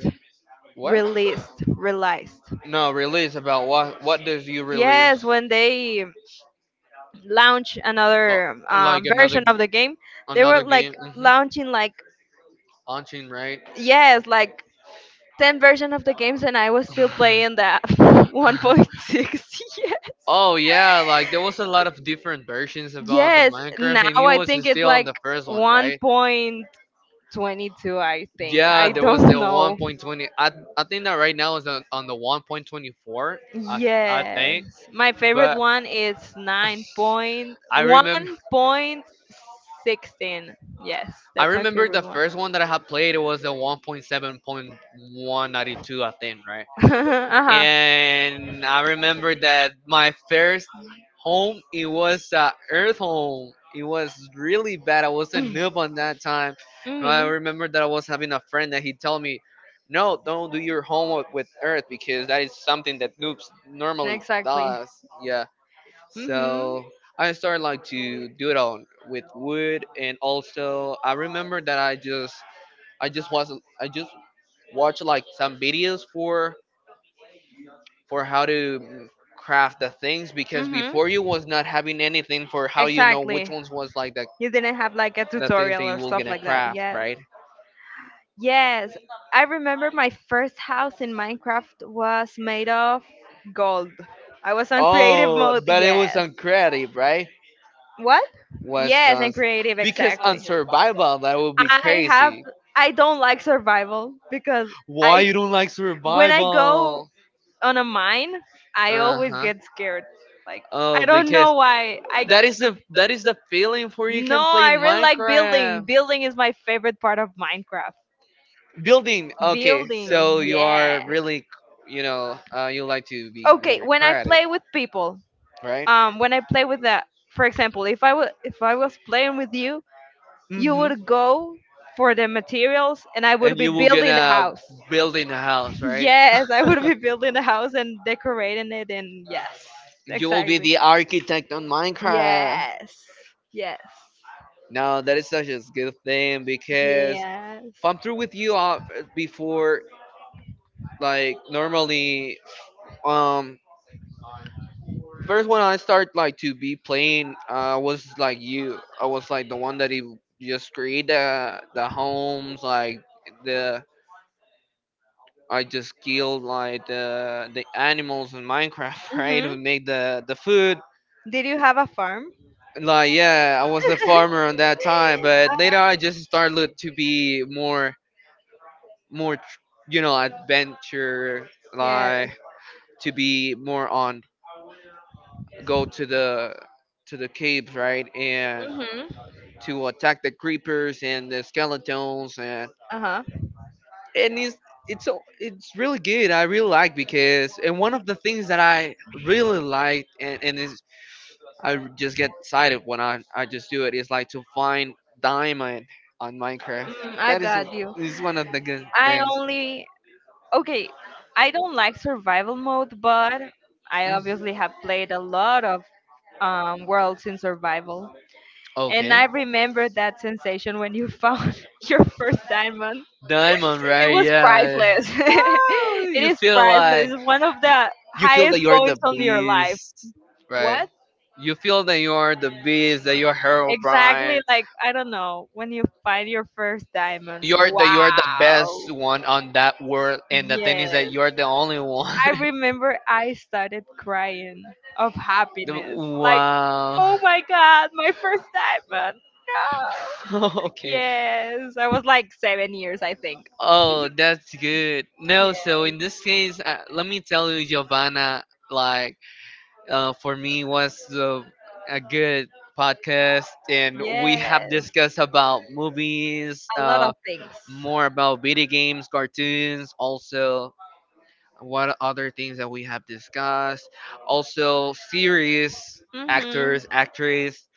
A: What?
B: released, realized.
A: No, release about what? What does you release?
B: Yes, when they launch
A: Oh,
B: another
A: like
B: um,
A: another
B: version of the game, they were
A: another game?
B: like
A: Hmm.
B: launching like
A: Launching, right?
B: yes, like ten version of the games, and I was still playing that one point six.
A: Oh yeah, like there was a lot of
B: Yes.
A: different versions about the
B: Yes,
A: Minecraft,
B: now
A: and it
B: I
A: was
B: think it's
A: still on
B: like
A: the first one, right?
B: one point twenty-two. I think
A: Yeah,
B: I
A: there was
B: don't
A: the
B: know.
A: one point twenty. I I think that right now is on, on the one point twenty-four. I I
B: Yes.
A: think,
B: My favorite
A: but
B: one is
A: I
B: nine point one.16.
A: remember
B: Yes,
A: I
B: that's my
A: remember the
B: favorite one.
A: first one that I had played. It was the one point seven point one ninety-two, I think, right?
B: uh-huh.
A: And I
B: hmm
A: remember that my first home, it was uh, Earth Home. It was really bad. I was a noob on that time. And I remember that I was having a friend that he told me, "No, don't do your homework with Earth because that is something that noobs normally
B: Exactly.
A: does." Yeah.
B: Mm-hmm.
A: So I started like to do it on with wood, and also I remember that I just I just was I just watched like some videos for for how to mm, craft the things because
B: hmm
A: before you was not having anything for how you know which
B: Exactly.
A: ones was like the,
B: You didn't have like a
A: the things that
B: tutorial
A: you
B: or
A: were
B: stuff
A: gonna
B: like that.
A: craft
B: Yes.
A: right.
B: Yes. I remember my first house in Minecraft was made of gold. I was on creative
A: Oh
B: mode.
A: but it was
B: Yes.
A: on creative right
B: What?
A: was
B: Yes,
A: on
B: and creative
A: because on
B: exactly.
A: survival that would be
B: I have
A: crazy.
B: I don't like survival because
A: Why
B: I
A: you don't like
B: when I go
A: survival?
B: on a mine, I always
A: Uh-huh.
B: get scared. Like I
A: Oh,
B: don't
A: because
B: know why. I
A: that is the that is the feeling for you
B: No,
A: can play
B: I really like building.
A: Minecraft
B: Building is my favorite part of Minecraft.
A: building. Okay,
B: Building,
A: so you are
B: yeah.
A: really, you know, uh, you like to be
B: Okay,
A: more
B: when I
A: creative,
B: play with people,
A: right?
B: um, when I play with the, for example, if I would, if I was playing with you, you
A: Mm-hmm.
B: would go for the materials, and I would
A: And
B: be
A: you will
B: building the
A: gonna
B: house.
A: building a house, right?
B: Yes, I would be building the house and decorating it, and yes,
A: You will be
B: exactly.
A: the architect on Minecraft.
B: Yes, yes,
A: No, that is such a good thing because
B: yes.
A: if I'm through with you uh, before, like normally, um, first when I start like to be playing, I was like you. I was like the one that he just create the the homes like the. I just killed like the the animals in Minecraft, right?
B: Mhm.
A: And make the the food.
B: Did you have a farm?
A: Like yeah, I was the farmer on that time, but later I just started to be more more tr- you know adventure
B: Yes.
A: like to be more on go to the to the caves, right? And
B: Mhm.
A: to attack the creepers and the skeletons and
B: Uh huh.
A: and it's it's so- it's really good. I really like because and one of the things that I really like and and is I just get excited when I I just do it is like to find diamond on Minecraft.
B: Mm, I
A: That is
B: got you.
A: is one of the good
B: I
A: things.
B: only okay. I don't like survival mode, but I
A: Mhm.
B: obviously have played a lot of um, worlds in survival. And
A: Okay,
B: I remember that sensation when you found your first diamond.
A: diamond,
B: It
A: right?
B: was
A: Yeah.
B: priceless.
A: Wow,
B: It
A: you
B: is
A: feel
B: priceless.
A: like
B: One of the
A: you feel
B: highest
A: that you're the
B: points on your life.
A: beast, right?
B: What?
A: You feel that you're the beast, that you're Harold
B: Exactly
A: Bryan,
B: like I don't know, when you find your first diamond.
A: you're that you're the best
B: Wow.
A: one on that world, and the thing
B: Yes.
A: is that you're the only one.
B: I remember I started crying of
A: The-
B: happiness. Like,
A: wow.
B: oh my god, my first diamond. No.
A: Okay.
B: Yes, I was like seven years, I think.
A: Oh, that's good.
B: Yeah.
A: No, so in this case, uh, let me tell you, Giovanna, like, uh, for me was the, a good podcast, and we
B: Yes,
A: have discussed about movies,
B: a lot of
A: uh,
B: things.
A: more about video games, cartoons, also what other things that we have discussed, also series,
B: Mm-hmm.
A: actors, actress,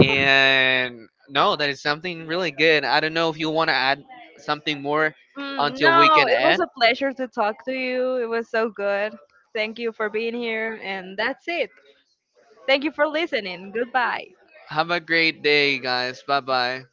A: and no, that is something really good. I don't know if you want to add something more
B: Mm,
A: until
B: no,
A: we can
B: it was
A: add.
B: a pleasure to talk to you. It was so good. Thank you for being here, and that's it. Thank you for listening. Goodbye.
A: Have a great day, guys. Bye bye.